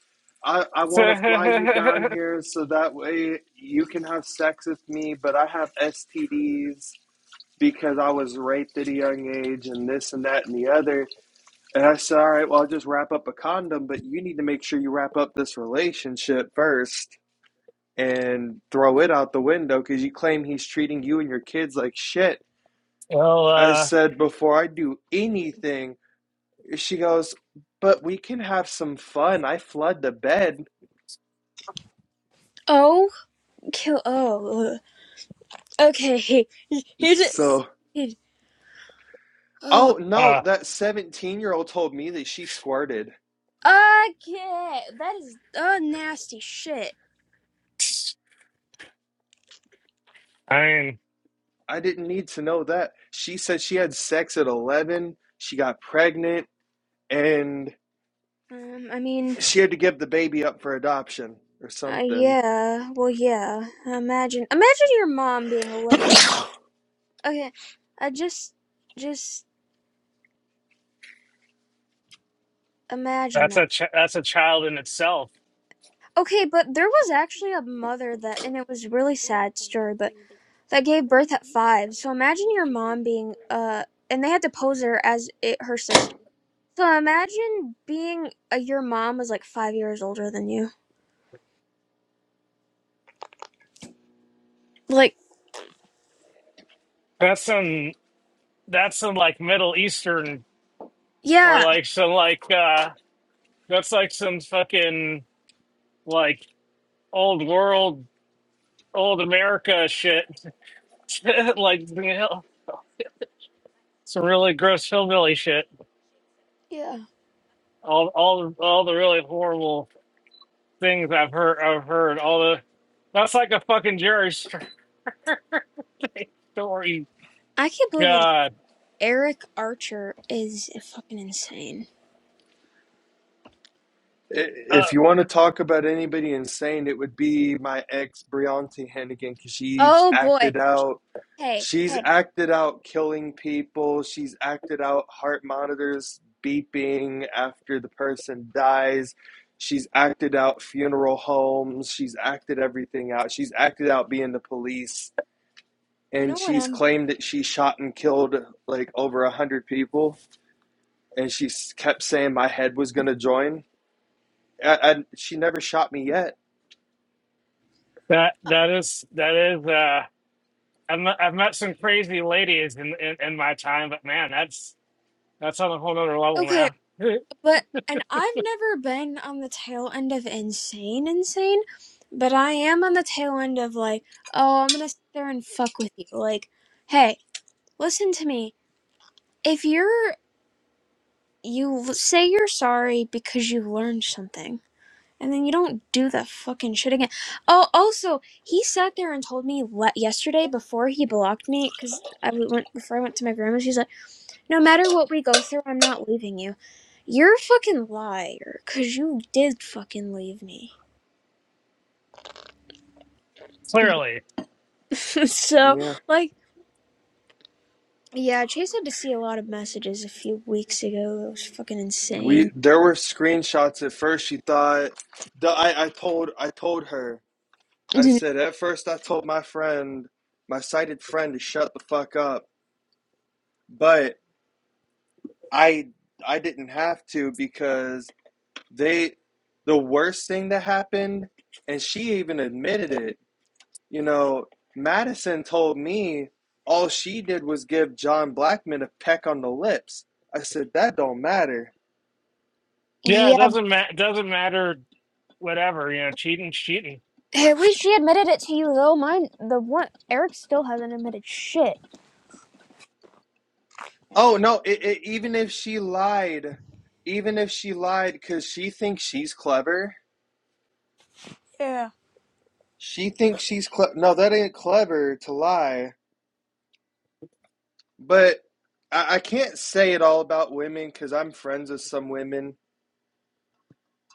[SPEAKER 2] I, I want to fly you down here so that way you can have sex with me, but I have STDs because I was raped at a young age and this and that and the other. And I said, all right, well, I'll just wrap up a condom, but you need to make sure you wrap up this relationship first and throw it out the window because you claim he's treating you and your kids like shit.
[SPEAKER 4] well,
[SPEAKER 2] I
[SPEAKER 4] uh,
[SPEAKER 2] said, before I do anything, she goes, but we can have some fun. I flood the bed.
[SPEAKER 1] Oh, kill. Oh, ugh. okay. He, he did.
[SPEAKER 2] So,
[SPEAKER 1] He, oh,
[SPEAKER 2] oh no,
[SPEAKER 4] uh,
[SPEAKER 2] that 17 year old told me that she squirted.
[SPEAKER 1] okay. That is uh nasty shit.
[SPEAKER 4] I mean,
[SPEAKER 2] I didn't need to know that. She said she had sex at 11, she got pregnant, and
[SPEAKER 1] Um, I mean.
[SPEAKER 2] she had to give the baby up for adoption or
[SPEAKER 1] Uh,
[SPEAKER 2] something.
[SPEAKER 1] yeah, well, yeah. Imagine, imagine your mom being 11 years. Okay, I just, just imagine
[SPEAKER 4] that's
[SPEAKER 1] that.
[SPEAKER 4] a ch- that's a child in itself.
[SPEAKER 1] Okay, but there was actually a mother that, and it was a really sad story, but that gave birth at five. So imagine your mom being, uh, and they had to pose her as it, her sister. So imagine being, uh, your mom was like five years older than you. Like,
[SPEAKER 4] That's some that's some like Middle Eastern or
[SPEAKER 1] yeah,
[SPEAKER 4] like some like uh that's like some fucking like old world old America shit. like you know, some really gross hillbilly shit.
[SPEAKER 1] yeah.
[SPEAKER 4] all all all the really horrible things I've heard I've heard all the that's like a fucking Jerry Springer story.
[SPEAKER 1] I can't believe that
[SPEAKER 4] God,
[SPEAKER 1] Eric Archer is fucking insane.
[SPEAKER 2] I-
[SPEAKER 4] uh,
[SPEAKER 2] If you want to talk about anybody insane, it would be my ex, Brianti Hennigan, because she's
[SPEAKER 1] Oh boy.
[SPEAKER 2] acted out
[SPEAKER 1] Hey,
[SPEAKER 2] She's
[SPEAKER 1] hey,
[SPEAKER 2] acted out killing people. She's acted out heart monitors beeping after the person dies. She's acted out funeral homes. She's acted everything out. She's acted out being the police.
[SPEAKER 1] you
[SPEAKER 2] And
[SPEAKER 1] know what
[SPEAKER 2] she's
[SPEAKER 1] I'm
[SPEAKER 2] claimed that she shot and killed like over a hundred people. And she kept saying my head was gonna join. And she never shot me yet.
[SPEAKER 4] that
[SPEAKER 1] uh,
[SPEAKER 4] that is that is. Uh, I've met, I've met some crazy ladies in, in in my time, but man, that's that's on a whole other level,
[SPEAKER 1] okay,
[SPEAKER 4] man.
[SPEAKER 1] but and I've never been on the tail end of insane, insane, but I am on the tail end of like, oh, I'm gonna sit there and fuck with you. Like, hey, listen to me. If you're you l- say you're sorry because you learned something, and then you don't do that fucking shit again. Oh, also, he sat there and told me le- yesterday before he blocked me because I went before I went to my grandma's. He's like. No matter what we go through, I'm not leaving you. You're a fucking liar, cause you did fucking leave me. Yeah.
[SPEAKER 4] Clearly,
[SPEAKER 1] so,
[SPEAKER 2] Yeah,
[SPEAKER 1] like, yeah, Chase had to see a lot of messages a few weeks ago. It was fucking
[SPEAKER 2] we
[SPEAKER 1] insane.
[SPEAKER 2] there were screenshots at first. She thought the, I I told I told her I said, at first I told my friend, my sighted friend, to shut the fuck up, but I I didn't have to because they the worst thing that happened, and she even admitted it. You know, Madison told me all she did was give John Blackman a peck on the lips. I said that don't matter.
[SPEAKER 4] yeah, it
[SPEAKER 1] yeah,
[SPEAKER 4] doesn't matter. Doesn't matter. Whatever you know, cheating, cheating.
[SPEAKER 1] at least she admitted it to you though. Mine, the one Eric still hasn't admitted shit.
[SPEAKER 2] Oh no, it, it, even if she lied, even if she lied because she thinks she's clever,
[SPEAKER 1] Yeah.
[SPEAKER 2] She thinks she's cle- no, that ain't clever to lie. But I, I can't say it all about women because I'm friends with some women.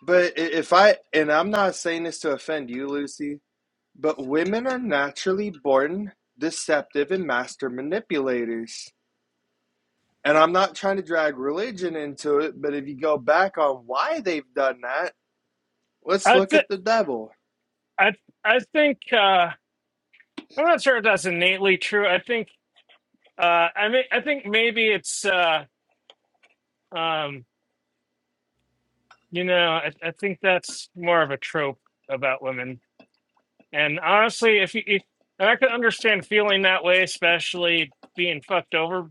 [SPEAKER 2] But i- if I and I'm not saying this to offend you, Lucy, but women are naturally born deceptive and master manipulators. And I'm not trying to drag religion into it, but if you go back on why they've done that, let's
[SPEAKER 4] I
[SPEAKER 2] look
[SPEAKER 4] th-
[SPEAKER 2] at the devil.
[SPEAKER 4] I I think uh, I'm not sure if that's innately true. I think Uh, I mean, I think maybe it's, uh, um, you know, I, I think that's more of a trope about women. And honestly, if you, if, and I could understand feeling that way, especially being fucked over,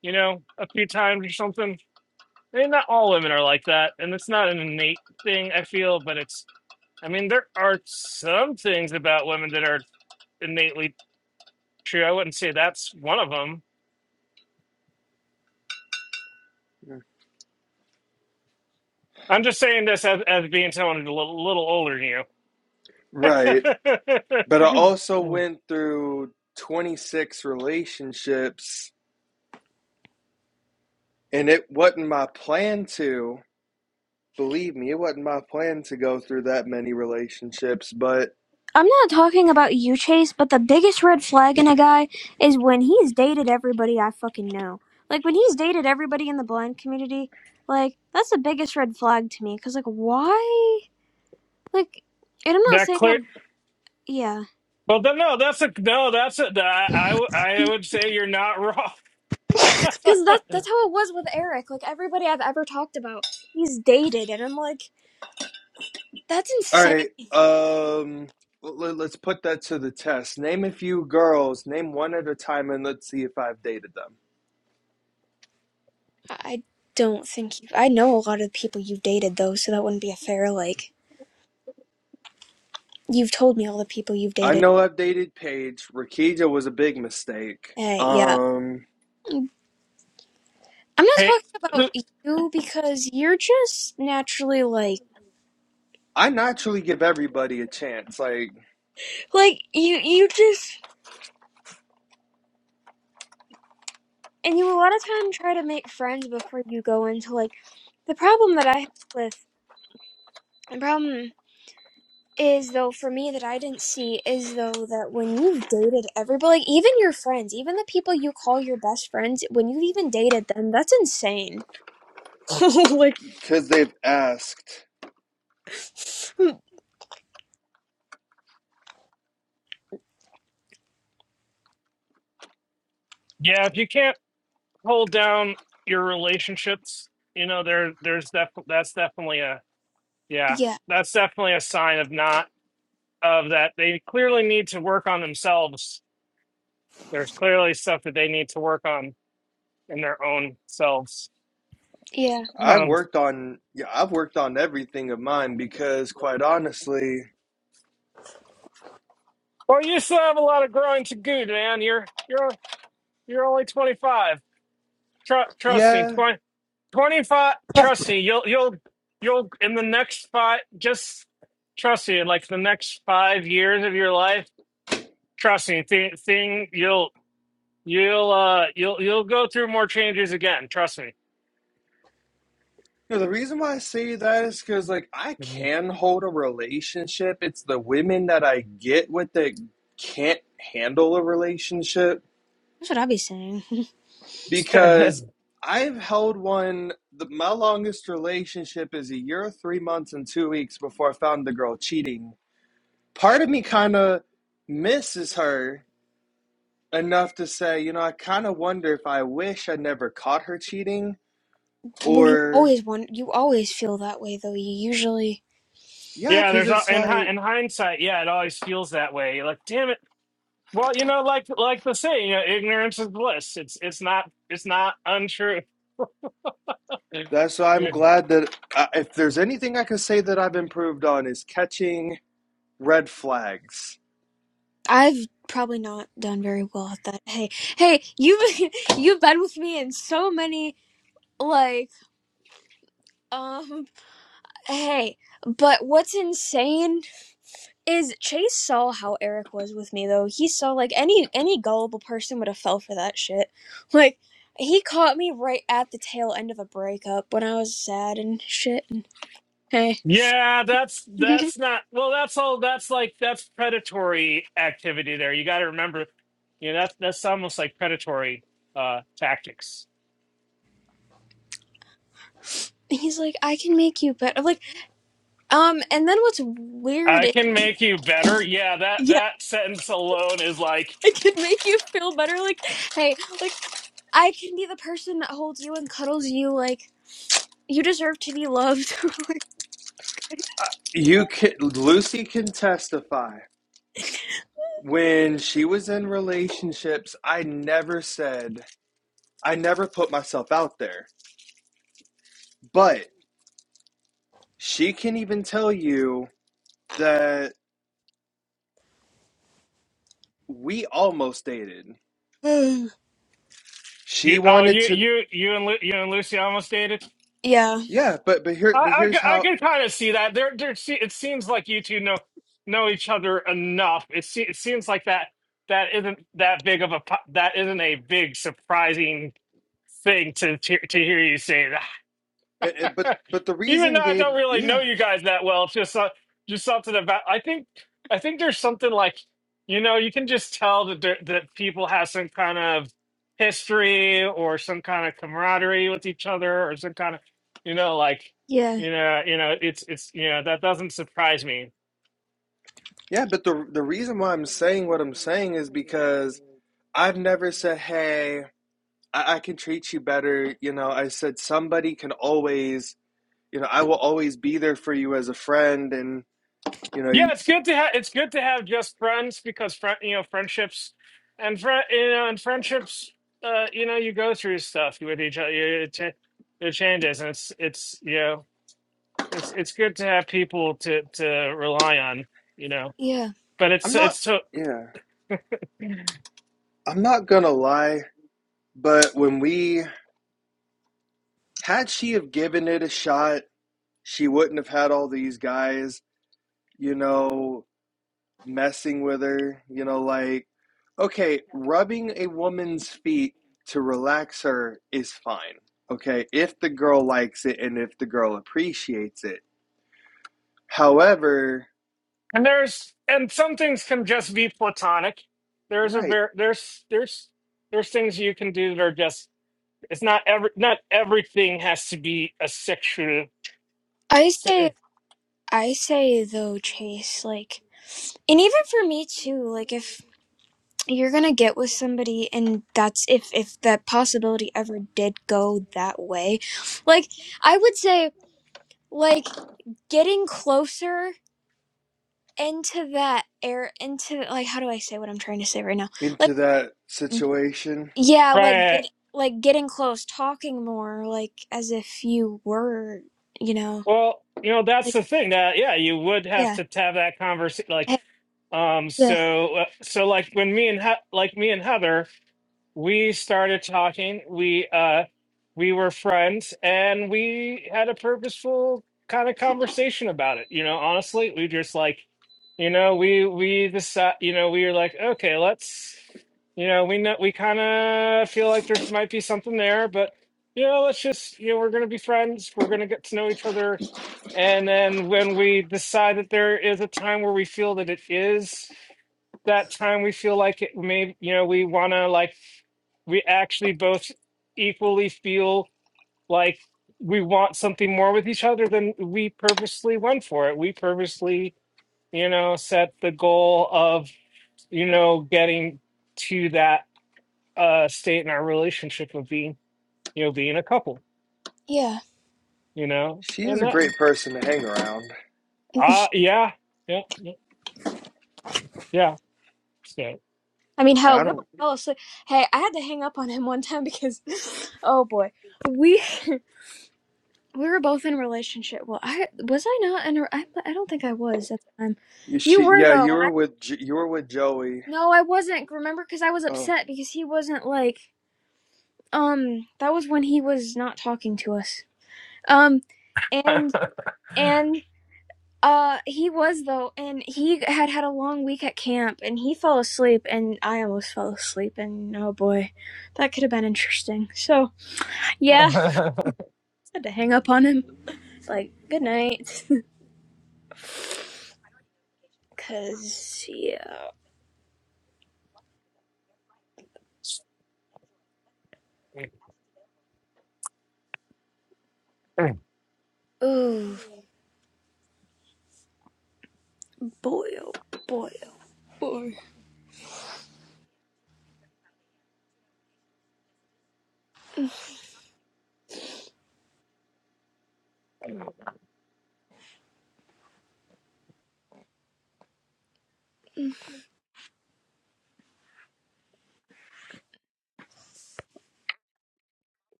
[SPEAKER 4] you know, a few times or something. I mean, not all women are like that, and it's not an innate thing, I feel, but it's, I mean, there are some things about women that are innately true. I wouldn't say that's one of them. I'm just saying this as, as being someone who's a little, little older than you. that
[SPEAKER 2] Right. But I also went through 26 relationships And it wasn't my plan to, believe me, it wasn't my plan to go through that many relationships. But
[SPEAKER 1] I'm not talking about you, Chase, but the biggest red flag in a guy is when he's dated everybody I fucking know. Like, when he's dated everybody in the blind community, like, that's the biggest red flag to me. Cause, like, why? Like, and I'm not saying that,
[SPEAKER 4] clear.
[SPEAKER 1] yeah.
[SPEAKER 4] Well, then, no, that's a no. That's a. I, I w- I would say you're not wrong.
[SPEAKER 1] Cause that, that's how it was with Eric. Like, everybody I've ever talked about, he's dated. And I'm like, that's
[SPEAKER 2] all
[SPEAKER 1] insane.
[SPEAKER 2] right, um, let, let's put that to the test. Name a few girls, name one at a time, and let's see if I've dated them.
[SPEAKER 1] I I don't think you, I know a lot of the people you've dated, though, so that wouldn't be a fair, like, you've told me all the people you've
[SPEAKER 2] I
[SPEAKER 1] dated.
[SPEAKER 2] know I've dated Paige. Rakija was a big mistake.
[SPEAKER 1] Uh, yeah.
[SPEAKER 2] Um,
[SPEAKER 1] I'm not
[SPEAKER 4] hey,
[SPEAKER 1] talking about
[SPEAKER 4] who-
[SPEAKER 1] you because you're just naturally like
[SPEAKER 2] I naturally give everybody a chance, like,
[SPEAKER 1] like you you just and you a lot of time try to make friends before you go into like the problem that I have with the problem is though for me that I didn't see is though that when you've dated everybody like even your friends, even the people you call your best friends, when you've even dated them, that's insane. like
[SPEAKER 2] because they've asked.
[SPEAKER 4] yeah, if you can't hold down your relationships, you know there there's def, that's definitely a yeah
[SPEAKER 1] yeah,
[SPEAKER 4] that's definitely a sign of not of that they clearly need to work on themselves. There's clearly stuff that they need to work on in their own selves.
[SPEAKER 1] yeah.
[SPEAKER 2] I've
[SPEAKER 4] Um,
[SPEAKER 2] worked on, yeah, I've worked on everything of mine because, quite honestly,
[SPEAKER 4] well, you still have a lot of growing to do, man. You're you're You're only 25. Tru trust me,
[SPEAKER 2] yeah.
[SPEAKER 4] 20 25. Trust me, you'll you'll you'll in the next five. Just trust me. In like the next five years of your life, trust me. Thing thing you'll you'll uh you'll you'll go through more changes again. Trust me.
[SPEAKER 2] You know the reason why I say that is because, like, I
[SPEAKER 4] Mhm.
[SPEAKER 2] can hold a relationship. It's the women that I get with that can't handle a relationship
[SPEAKER 1] That's what I'd be saying.
[SPEAKER 2] because I've held one. The, my longest relationship is a year, three months, and two weeks before I found the girl cheating. Part of me kind of misses her enough to say, you know, I kind of wonder if I wish I never caught her cheating
[SPEAKER 1] Well, you
[SPEAKER 2] or,
[SPEAKER 1] always want you always feel that way though. You usually
[SPEAKER 2] yeah,
[SPEAKER 4] yeah,
[SPEAKER 2] because
[SPEAKER 4] there's a-
[SPEAKER 2] it's
[SPEAKER 4] in hi-
[SPEAKER 2] like,
[SPEAKER 4] in hindsight, yeah, it always feels that way. You're like, damn it. Well, you know, like like the saying, you know, ignorance is bliss. It's it's not it's not untrue.
[SPEAKER 2] That's I'm glad that uh, if there's anything I can say that I've improved on is catching red flags.
[SPEAKER 1] I've probably not done very well at that. Hey, hey, you've you've been with me in so many like um hey, but what's insane is Chase saw how Eric was with me though. He saw like any any gullible person would have fell for that shit. Like he caught me right at the tail end of a breakup when I was sad and shit and hey.
[SPEAKER 4] Yeah, that's that's not well. That's all. That's like that's predatory activity. There, you got to remember. You know, that's that's almost like predatory uh tactics.
[SPEAKER 1] He's like, I can make you better. I'm Like, um, and then what's weird?
[SPEAKER 4] I
[SPEAKER 1] i-
[SPEAKER 4] can make you better. Yeah, that
[SPEAKER 1] Yeah.
[SPEAKER 4] that sentence alone is like
[SPEAKER 1] I can make you feel better. Like, hey, like I can be the person that holds you and cuddles you. Like, you deserve to be loved.
[SPEAKER 2] Uh, You can Lucy can testify. When she was in relationships, I never said I never put myself out there. But she can even tell you that we almost dated.
[SPEAKER 4] you.
[SPEAKER 2] She
[SPEAKER 4] Oh,
[SPEAKER 2] wanted
[SPEAKER 4] you
[SPEAKER 2] to
[SPEAKER 4] you you and Lu- you and Lucy almost dated.
[SPEAKER 1] yeah,
[SPEAKER 2] yeah, but but here
[SPEAKER 4] I
[SPEAKER 2] but
[SPEAKER 4] I,
[SPEAKER 2] here's
[SPEAKER 4] ca- I
[SPEAKER 2] how
[SPEAKER 4] can kind of see that. There there. se- It seems like you two know know each other enough. It se- it seems like that that isn't that big of a pu- that isn't a big surprising thing to to, to hear you say
[SPEAKER 2] eh, eh, but
[SPEAKER 4] that.
[SPEAKER 2] but the
[SPEAKER 4] Even
[SPEAKER 2] reason
[SPEAKER 4] though I
[SPEAKER 2] Gabe
[SPEAKER 4] don't really
[SPEAKER 2] yeah,
[SPEAKER 4] know you guys that well, it's just uh, just something about. I think I think there's something like you know you can just tell that there, that people have some kind of history or some kind of camaraderie with each other or some kind of you know like
[SPEAKER 1] yeah,
[SPEAKER 4] you know you know it's it's you know that doesn't surprise me
[SPEAKER 2] Yeah, but the the reason why I'm saying what I'm saying is because I've never said, "Hey, I, I can treat you better." You know, I said somebody can always, you know, I will always be there for you as a friend, and you know,
[SPEAKER 4] Yeah,
[SPEAKER 2] you-
[SPEAKER 4] it's good to have it's good to have just friends because friend you know friendships and friend you know and friendships uh you know you go through stuff with each other it, cha- it changes and it's it's you know it's it's good to have people to to rely on you know
[SPEAKER 1] yeah.
[SPEAKER 4] but it's
[SPEAKER 2] I'm not.
[SPEAKER 4] it's so
[SPEAKER 2] Yeah, I'm not gonna lie, but when we had she have given it a shot, she wouldn't have had all these guys. You know, messing with her, you know, like, okay, rubbing a woman's feet to relax her is fine, okay, if the girl likes it and if the girl appreciates it. However,
[SPEAKER 4] and there's and some things can just be platonic there's a
[SPEAKER 2] right
[SPEAKER 4] ver there's there's there's things you can do that are just it's not every not everything has to be a sexual
[SPEAKER 1] I say, I say though, Chase. Like, and even for me too. Like, if you're gonna get with somebody, and that's if if that possibility ever did go that way, like I would say, like getting closer into that air into like how do I say what I'm trying to say right now? Like
[SPEAKER 2] into that situation,
[SPEAKER 1] yeah, like
[SPEAKER 4] right
[SPEAKER 1] get like getting close, talking more, like as if you were, you know,
[SPEAKER 4] Well, you know, that's
[SPEAKER 1] like
[SPEAKER 4] the thing that yeah, you would have
[SPEAKER 1] yeah,
[SPEAKER 4] to have that conversation. Like,
[SPEAKER 1] hey,
[SPEAKER 4] um,
[SPEAKER 1] yeah,
[SPEAKER 4] so uh, so like when me and he- like me and Heather we started talking we uh we were friends and we had a purposeful kind of conversation about it you know honestly we just like you know we we decide you know we were like okay let's you know we know we kind of feel like there's might be something there but you know let's just you know we're gonna be friends we're gonna get to know each other and then when we decide that there is a time where we feel that it is that time we feel like it may you know we want to like we actually both equally feel like we want something more with each other than we purposely went for it we purposely you know set the goal of you know getting to that uh state in our relationship of being you know being a couple
[SPEAKER 1] yeah.
[SPEAKER 4] you know
[SPEAKER 2] she is
[SPEAKER 4] and
[SPEAKER 2] a
[SPEAKER 4] that
[SPEAKER 2] great person to hang around.
[SPEAKER 4] uh yeah yeah yeah yeah so
[SPEAKER 1] I mean, hell,
[SPEAKER 2] I
[SPEAKER 1] we almost
[SPEAKER 2] don't,
[SPEAKER 1] fell asleep. Hey, I had to hang up on him one time because, oh boy, we we were both in a relationship. Well, I was I not in a I I don't think I was at the time. You
[SPEAKER 2] she,
[SPEAKER 1] were
[SPEAKER 2] yeah,
[SPEAKER 1] though,
[SPEAKER 2] you
[SPEAKER 1] and I
[SPEAKER 2] were with, you were with Joey.
[SPEAKER 1] no, I wasn't. Remember, because I was
[SPEAKER 2] Oh,
[SPEAKER 1] upset because he wasn't like. Um, that was when he was not talking to us. Um, and and uh, he was though, and he had had a long week at camp, and he fell asleep, and I almost fell asleep, and oh boy, that could have been interesting. So yeah, I had to hang up on him. It's Like good night, cause yeah, oh boy, oh boy, oh boy,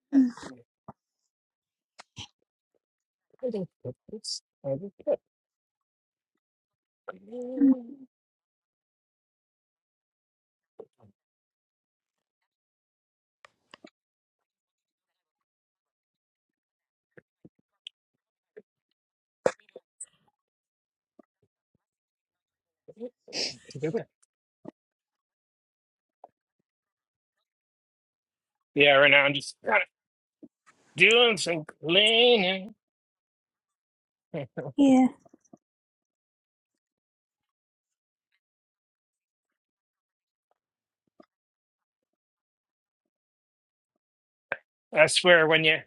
[SPEAKER 1] Mm,
[SPEAKER 4] Yeah, right now I'm just kind of doing some cleaning.
[SPEAKER 1] yeah.
[SPEAKER 4] I swear, when you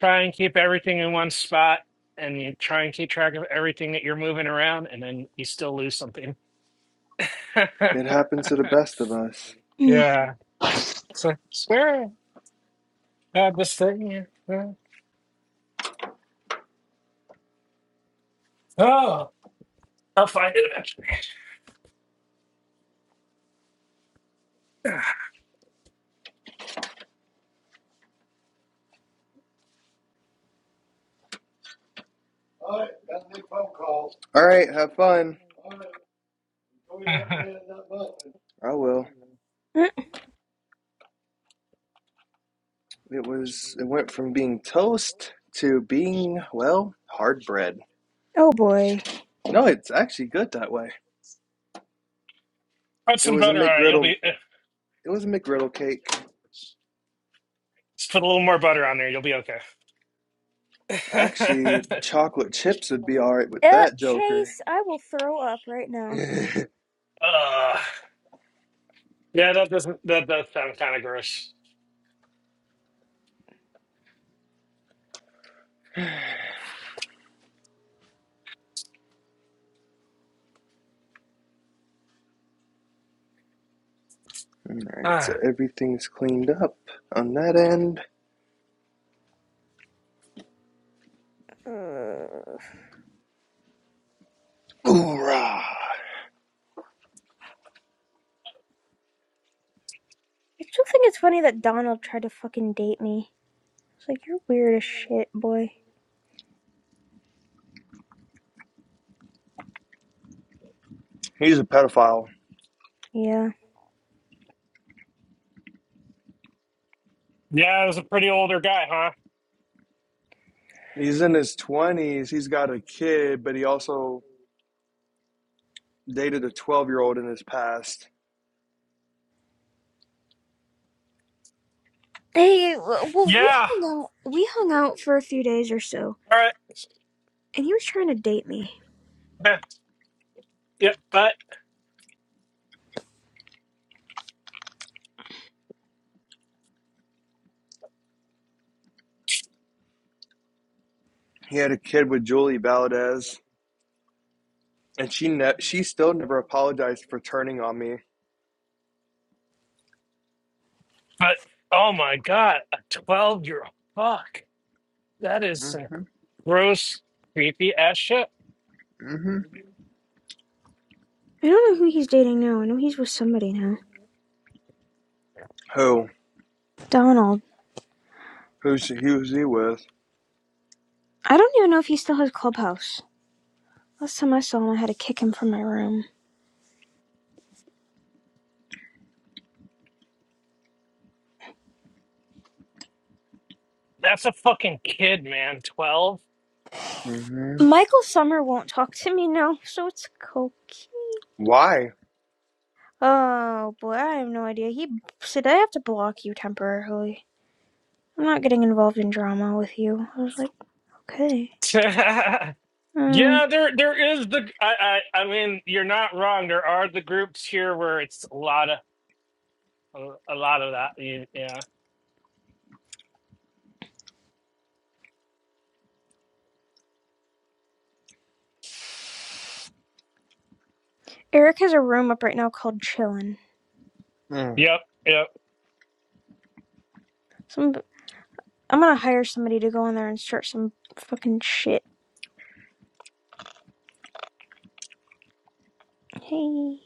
[SPEAKER 4] try and keep everything in one spot and you try and keep track of everything that you're moving around, and then you still lose something.
[SPEAKER 2] it happens to the best of us.
[SPEAKER 1] Mm.
[SPEAKER 4] yeah, so I swear I had this thing. here. Yeah. Oh, I'll find it eventually.
[SPEAKER 2] All right, have fun. I will. It was it went from being toast to being, well, hard bread.
[SPEAKER 1] Oh boy.
[SPEAKER 2] No, it's actually good that way.
[SPEAKER 4] Put
[SPEAKER 2] It
[SPEAKER 4] some
[SPEAKER 2] was a
[SPEAKER 4] butter on it. You'll
[SPEAKER 2] McGriddle
[SPEAKER 4] be. eh.
[SPEAKER 2] it was a McGriddle cake.
[SPEAKER 4] Just put a little more butter on there. You'll be okay.
[SPEAKER 2] Actually, chocolate chips would be alright with
[SPEAKER 1] Uh,
[SPEAKER 2] that joker.
[SPEAKER 1] Chase, I will throw up right now.
[SPEAKER 2] Alright,
[SPEAKER 4] Ugh. yeah, that doesn't. That does sound kind of gross.
[SPEAKER 2] so
[SPEAKER 4] Ah.
[SPEAKER 2] everything's cleaned up on that end.
[SPEAKER 1] Uh,
[SPEAKER 2] Hoorah!
[SPEAKER 1] I still think it's funny that Donald tried to fucking date me. It's like you're weird as shit, boy.
[SPEAKER 2] He's a pedophile.
[SPEAKER 1] Yeah.
[SPEAKER 4] yeah, it was a pretty older guy, huh?
[SPEAKER 2] He's in his twenties, he's got a kid, but he also dated a twelve year old in his past.
[SPEAKER 1] Hey, well, we
[SPEAKER 4] Yeah.
[SPEAKER 1] hung out. We hung out for a few days or so,
[SPEAKER 4] All right.
[SPEAKER 1] and he was trying to date me.
[SPEAKER 4] Okay. Yep. But
[SPEAKER 2] He had a kid with Julie Valdez. and she ne- she still never apologized for turning on me.
[SPEAKER 4] but oh my god, a twelve-year-old. Fuck. That is some gross, creepy ass shit.
[SPEAKER 1] I don't know who he's dating now. I know he's with somebody now.
[SPEAKER 2] Who?
[SPEAKER 1] Donald.
[SPEAKER 2] Who's he, who's he with?
[SPEAKER 1] I don't even know if he still has Clubhouse. Last time I saw him, I had to kick him from my room.
[SPEAKER 4] That's a fucking kid, man. Twelve.
[SPEAKER 2] hmm
[SPEAKER 1] Michael Summer won't talk to me now, so it's cokey.
[SPEAKER 2] Why?
[SPEAKER 1] Oh boy, I have no idea. He said I have to block you temporarily. I'm not getting involved in drama with you. I was like, okay. Um,
[SPEAKER 4] Yeah, there there is the I, I I mean you're not wrong. There are the groups here where it's a lot of a, lot of that. You- Yeah.
[SPEAKER 1] Eric has a room up right now called Chillin'.
[SPEAKER 2] Mm.
[SPEAKER 4] Yep. Yep.
[SPEAKER 1] Some I'm gonna hire somebody to go in there and start some fucking shit. Hey.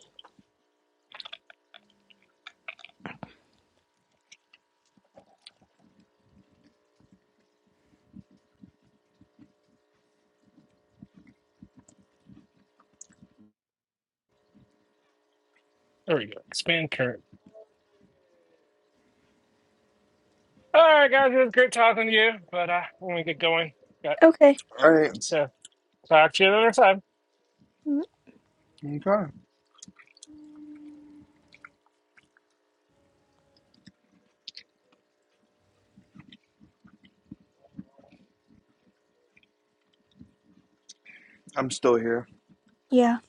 [SPEAKER 4] There we go. Expand current. All right, guys, it was great talking to you. But uh, when we get going, got
[SPEAKER 1] Okay.
[SPEAKER 2] All right,
[SPEAKER 4] so talk to you another time.
[SPEAKER 1] Mm,
[SPEAKER 2] I'm still here.
[SPEAKER 1] Yeah.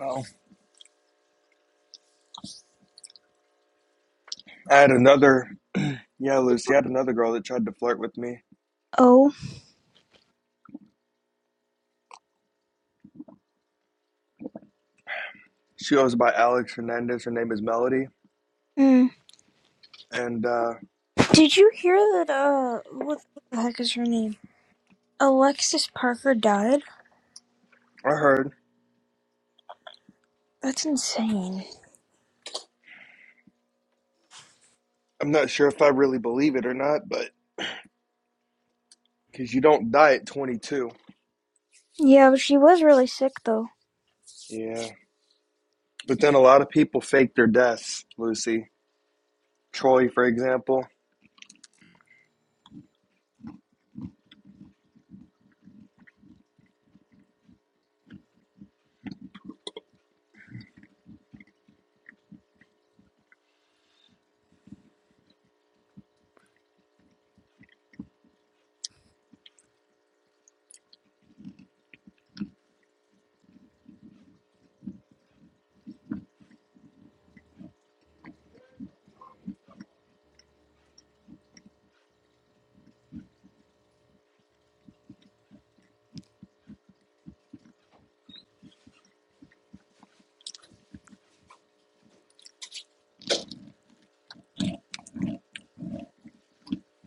[SPEAKER 2] Oh, I had another. Yeah, Lucy, I had another girl that tried to flirt with me.
[SPEAKER 1] Oh.
[SPEAKER 2] She goes by Alex Hernandez. Her name is Melody,
[SPEAKER 1] Mm.
[SPEAKER 2] and uh,
[SPEAKER 1] Did you hear that? Uh, what the heck is her name? Alexis Parker died.
[SPEAKER 2] I heard.
[SPEAKER 1] That's insane.
[SPEAKER 2] I'm not sure if I really believe it or not, but because you don't die at 22.
[SPEAKER 1] Yeah, but she was really sick though.
[SPEAKER 2] Yeah. But then a lot of people fake their deaths, Lucy. Troy, for example.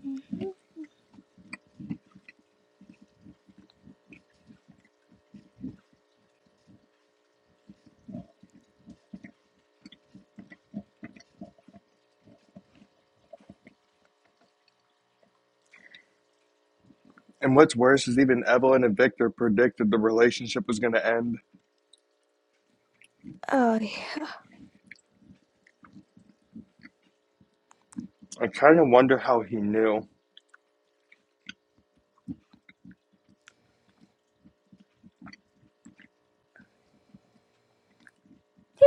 [SPEAKER 1] Mm-hmm.
[SPEAKER 2] And what's worse is even Evelyn and Victor predicted the relationship was going to end.
[SPEAKER 1] Uh, he
[SPEAKER 2] I kind of wonder how he knew.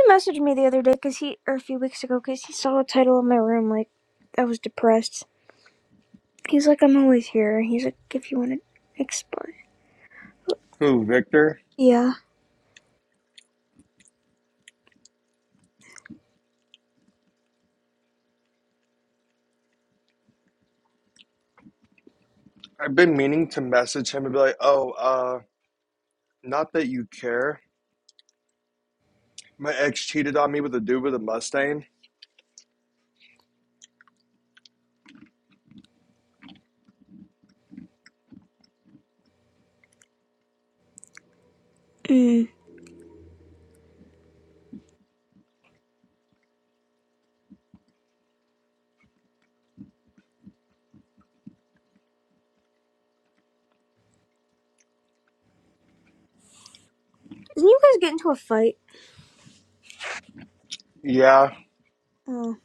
[SPEAKER 1] messaged me the other day because he, or a few weeks ago, because he saw the title of my room. Like, I was depressed, He's like, I'm always here. He's like, if you want to explain.
[SPEAKER 2] Who, Victor?
[SPEAKER 1] Yeah.
[SPEAKER 2] I've been meaning to message him and be like, oh, uh, not that you care. My ex cheated on me with a dude with a Mustang.
[SPEAKER 1] Mm. Didn't you guys get into a fight?
[SPEAKER 2] Yeah.
[SPEAKER 1] Oh,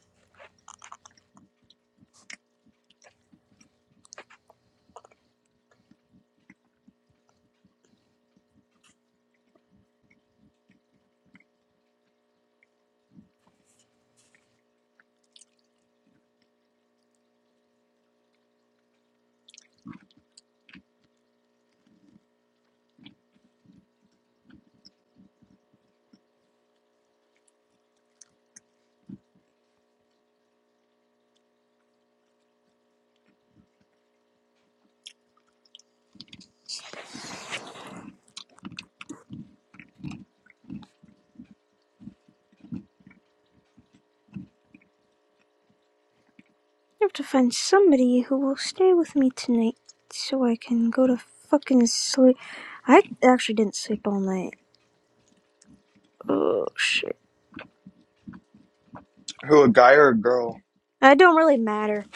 [SPEAKER 1] I have to find somebody who will stay with me tonight so I can go to fucking sleep. I actually didn't sleep all night. Oh, shit.
[SPEAKER 2] Who, a guy or a girl?
[SPEAKER 1] I don't really matter.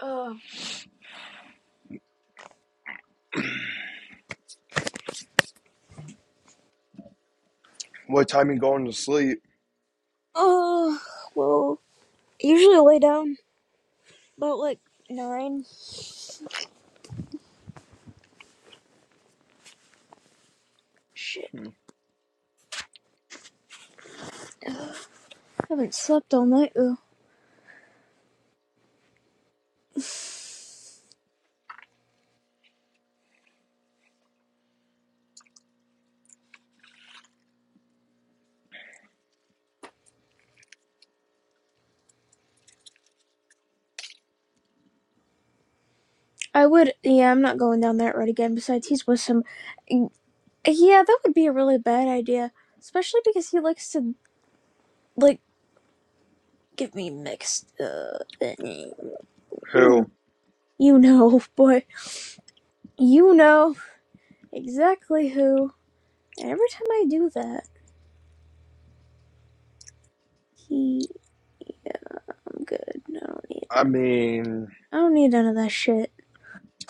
[SPEAKER 1] Oh.
[SPEAKER 2] What time you going to sleep?
[SPEAKER 1] Oh, well, usually I lay down about like nine. Shit. I haven't slept all night, though. I would, yeah, I'm not going down that road again. Besides, he's with some Yeah, that would be a really bad idea, especially because he likes to like give me mixed uh mm,
[SPEAKER 2] Who?
[SPEAKER 1] you know, boy, you know exactly who. And every time I do that, he yeah, I'm good. I don't need
[SPEAKER 2] I mean,
[SPEAKER 1] I don't need none of that shit.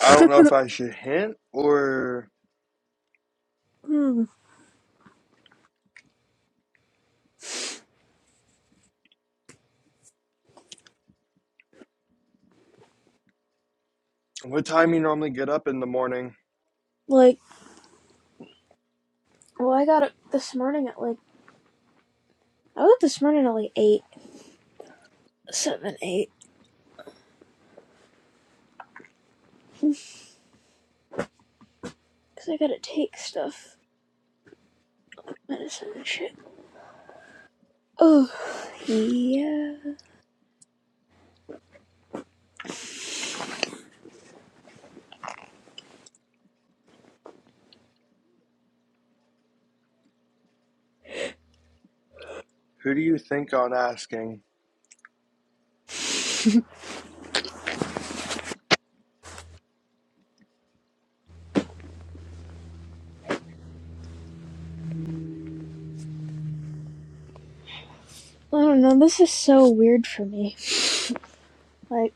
[SPEAKER 2] I don't know if I should hint or
[SPEAKER 1] Hmm.
[SPEAKER 2] what time you normally get up in the morning.
[SPEAKER 1] Like, well, I got up this morning at like I was up this morning at like eight, seven, eight, because I gotta take stuff, medicine and shit. Oh, yeah.
[SPEAKER 2] Who do you think on asking?
[SPEAKER 1] I don't know. This is so weird for me. Like,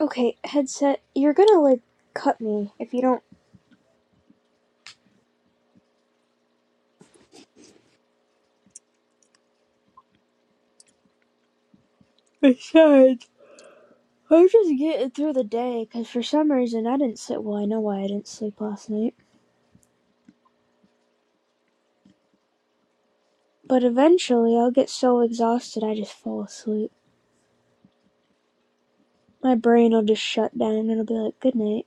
[SPEAKER 1] okay, headset, you're gonna like cut me if you don't. Besides, I'm just getting through the day because for some reason I didn't sit well. I know why I didn't sleep last night. But eventually I'll get so exhausted I just fall asleep. My brain will just shut down and it'll be like, good night.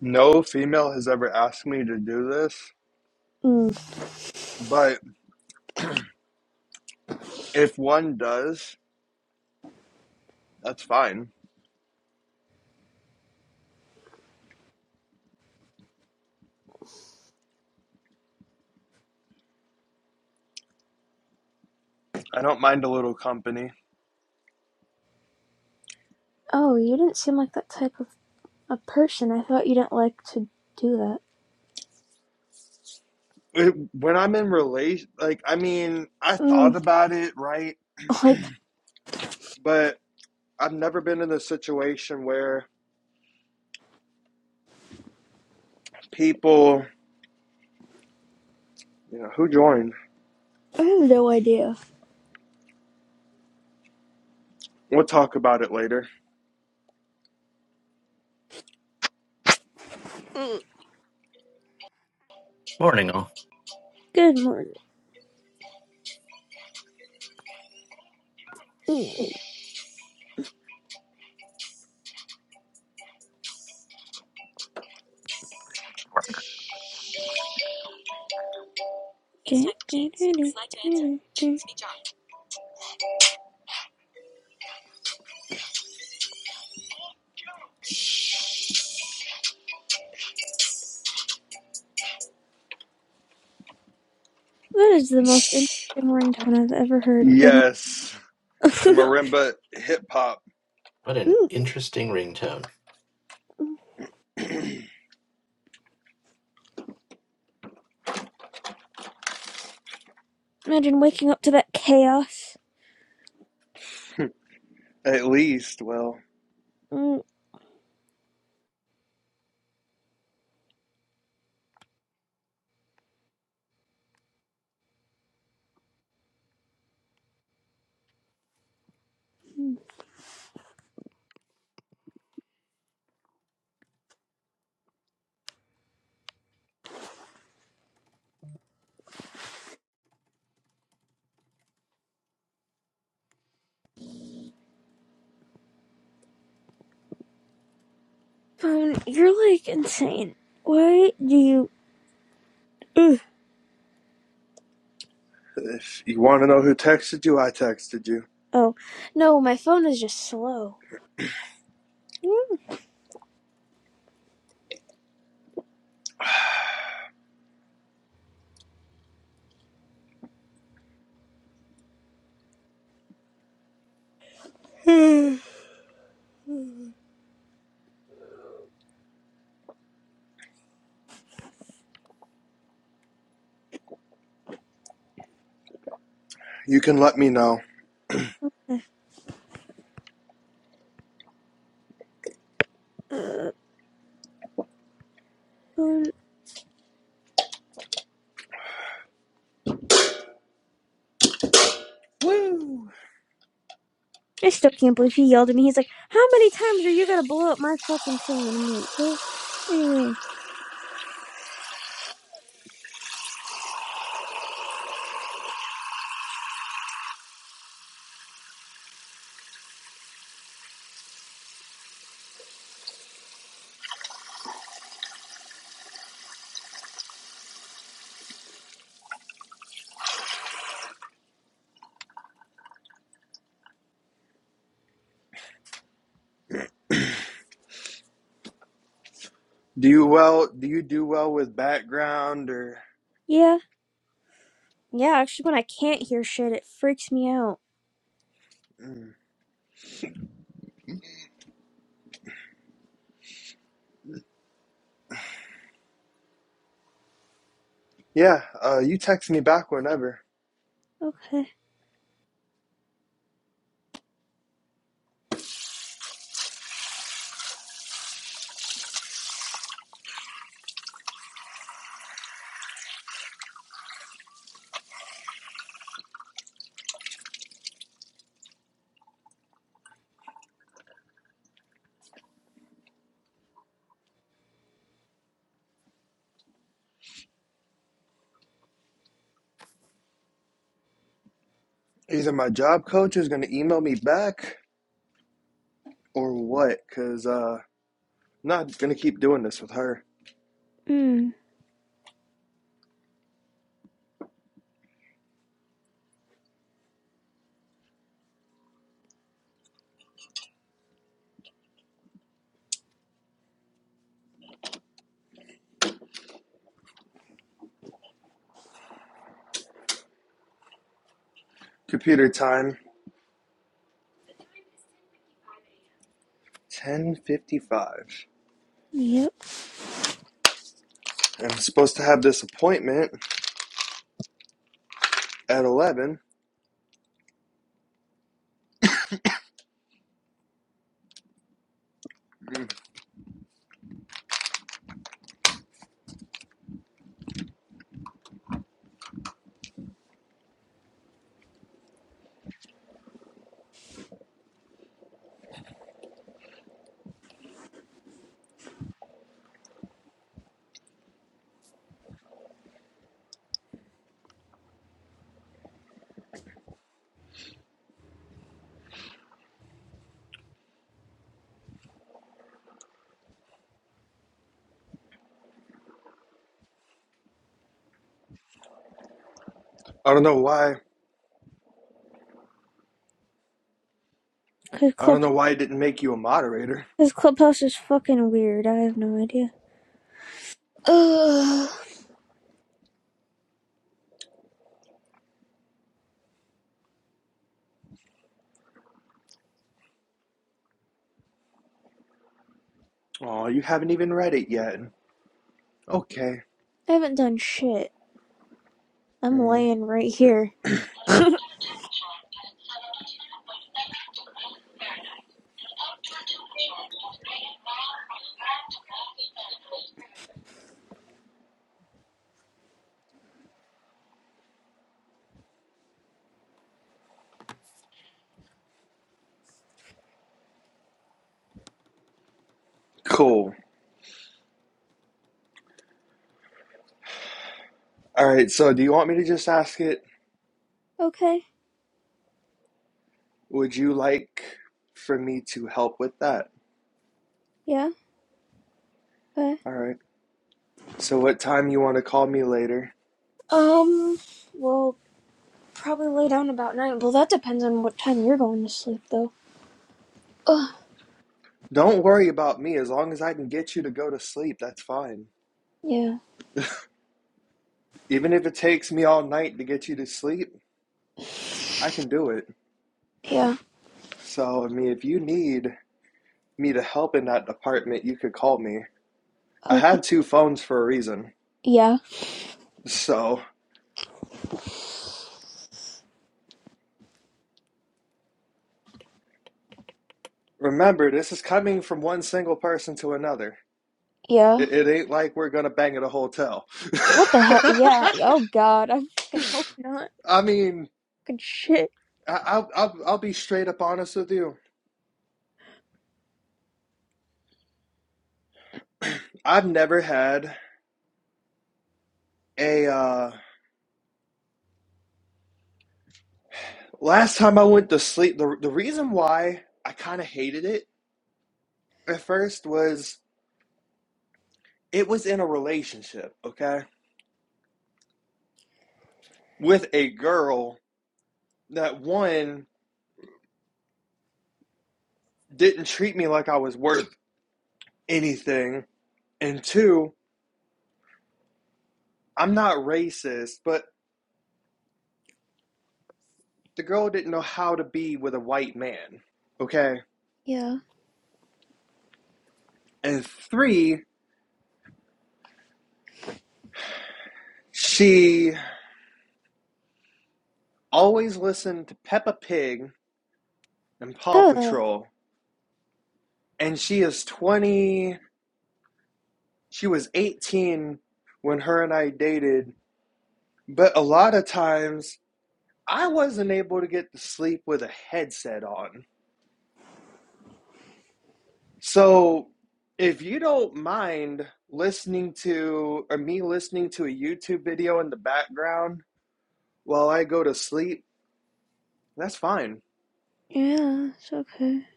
[SPEAKER 2] No female has ever asked me to do this,
[SPEAKER 1] Mm.
[SPEAKER 2] but if one does, that's fine. I don't mind a little company.
[SPEAKER 1] Oh, you didn't seem like that type of a person. I thought you didn't like to do that.
[SPEAKER 2] It, when I'm in relation, like, I mean, I thought
[SPEAKER 1] Mm.
[SPEAKER 2] about it, right?
[SPEAKER 1] Like,
[SPEAKER 2] But I've never been in a situation where people, you know, who joined?
[SPEAKER 1] I have no idea.
[SPEAKER 2] We'll talk about it later.
[SPEAKER 1] Mm.
[SPEAKER 5] Morning, all.
[SPEAKER 1] Good morning. Mm. That is the most interesting ringtone I've ever heard. But
[SPEAKER 2] Yes, to marimba hip hop,
[SPEAKER 5] What an interesting ringtone.
[SPEAKER 1] imagine waking up to that chaos.
[SPEAKER 2] at least. Well,
[SPEAKER 1] Mm. mm. Phone, you're like insane. Why do you? Ugh.
[SPEAKER 2] if you want to know who texted you, I texted you.
[SPEAKER 1] Oh no, my phone is just slow. Mm.
[SPEAKER 2] You can let me know.
[SPEAKER 1] Uh,
[SPEAKER 2] Woo!
[SPEAKER 1] I still can't believe he yelled at me. He's like, "How many times are you gonna blow up my fucking phone?" I'm like, "What? What do you mean?"
[SPEAKER 2] Do you well? Do you do well with background or?
[SPEAKER 1] Yeah, yeah. Actually, when I can't hear shit, it freaks me out.
[SPEAKER 2] Mm. Yeah, uh, you text me back whenever.
[SPEAKER 1] Okay.
[SPEAKER 2] Either my job coach is gonna email me back or what? Cause uh, I'm not gonna keep doing this with her.
[SPEAKER 1] Mm.
[SPEAKER 2] Computer time, ten fifty-five.
[SPEAKER 1] Yep.
[SPEAKER 2] I'm supposed to have this appointment at eleven. Mm. I don't know why.
[SPEAKER 1] Cause
[SPEAKER 2] I don't
[SPEAKER 1] club,
[SPEAKER 2] know why it didn't make you a moderator.
[SPEAKER 1] cause clubhouse is fucking weird. I have no idea. Ugh.
[SPEAKER 2] Oh, you haven't even read it yet. Okay.
[SPEAKER 1] I haven't done shit. I'm
[SPEAKER 2] Mm.
[SPEAKER 1] laying right here.
[SPEAKER 2] Cool. All right. So, do you want me to just ask it?
[SPEAKER 1] okay.
[SPEAKER 2] Would you like for me to help with that?
[SPEAKER 1] Yeah. Okay.
[SPEAKER 2] All right. So what time you want to call me later?
[SPEAKER 1] Um. Well, probably lay down about nine. Well, that depends on what time you're going to sleep, though. Ugh.
[SPEAKER 2] Don't worry about me as long as I can get you to go to sleep, that's fine.
[SPEAKER 1] Yeah.
[SPEAKER 2] Even if it takes me all night to get you to sleep, I can do it.
[SPEAKER 1] Yeah.
[SPEAKER 2] So, I mean, if you need me to help in that department, you could call me. I
[SPEAKER 1] Okay.
[SPEAKER 2] have two phones for a reason.
[SPEAKER 1] Yeah.
[SPEAKER 2] So, remember, this is coming from one single person to another.
[SPEAKER 1] Yeah.
[SPEAKER 2] It, it ain't like we're gonna bang at a hotel.
[SPEAKER 1] What the hell? Yeah. Oh God. I fucking hope not.
[SPEAKER 2] I mean,
[SPEAKER 1] Fucking shit.
[SPEAKER 2] I- will I'll I'll be straight up honest with you. I've never had a uh last time I went to sleep the the reason why I kind of hated it at first was it was in a relationship, okay? With a girl that one didn't treat me like I was worth anything and two, I'm not racist, but the girl didn't know how to be with a white man, okay?
[SPEAKER 1] Yeah.
[SPEAKER 2] And three, she always listened to Peppa Pig and Paw
[SPEAKER 1] Ugh.
[SPEAKER 2] Patrol. And she is 20, she was 18 when her and I dated. But a lot of times I wasn't able to get to sleep with a headset on. So if you don't mind listening to, or me listening to a YouTube video in the background while I go to sleep, that's fine.
[SPEAKER 1] Yeah, it's okay.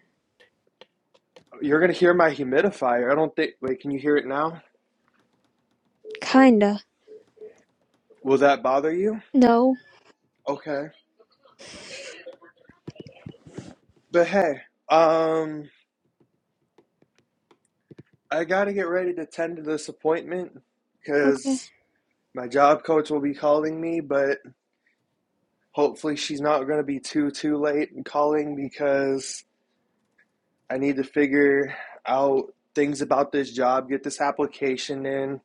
[SPEAKER 2] You're going to hear my humidifier. I don't think, wait, can you hear it now?
[SPEAKER 1] Kinda.
[SPEAKER 2] Will that bother you?
[SPEAKER 1] No.
[SPEAKER 2] Okay. But hey, um, I got to get ready to tend to this appointment
[SPEAKER 1] Okay.
[SPEAKER 2] because my job coach will be calling me, but hopefully she's not going to be too too late in calling because I need to figure out things about this job, get this application in.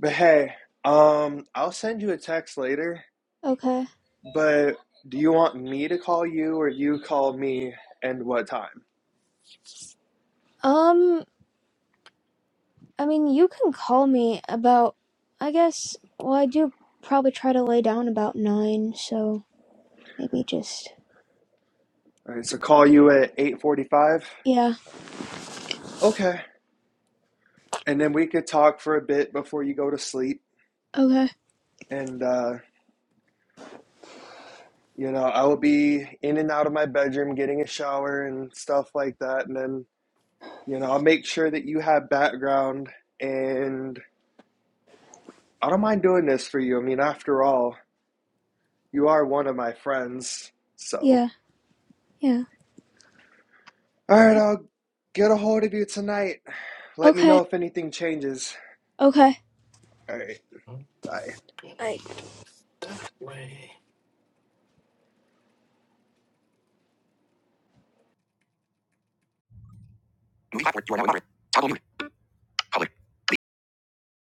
[SPEAKER 2] But hey, um I'll send you a text later,
[SPEAKER 1] Okay.
[SPEAKER 2] but do you want me to call you or you call me and what time?
[SPEAKER 1] Um, I mean, you can call me about, I guess, well, I do probably try to lay down about nine, so maybe just,
[SPEAKER 2] All right, so call you at 8:45.
[SPEAKER 1] yeah.
[SPEAKER 2] Okay. And then we could talk for a bit before you go to sleep
[SPEAKER 1] Okay.
[SPEAKER 2] and uh You know, I would be in and out of my bedroom getting a shower and stuff like that. And then, you know, I'll make sure that you have background. And I don't mind doing this for you. I mean, after all, you are one of my friends. So,
[SPEAKER 1] Yeah. Yeah.
[SPEAKER 2] all right, I'll get a hold of you tonight. Let me
[SPEAKER 1] Okay.
[SPEAKER 2] know if anything changes.
[SPEAKER 1] Okay.
[SPEAKER 2] All right,
[SPEAKER 5] I'm
[SPEAKER 2] bye.
[SPEAKER 5] gonna
[SPEAKER 1] Bye.
[SPEAKER 5] do it that way.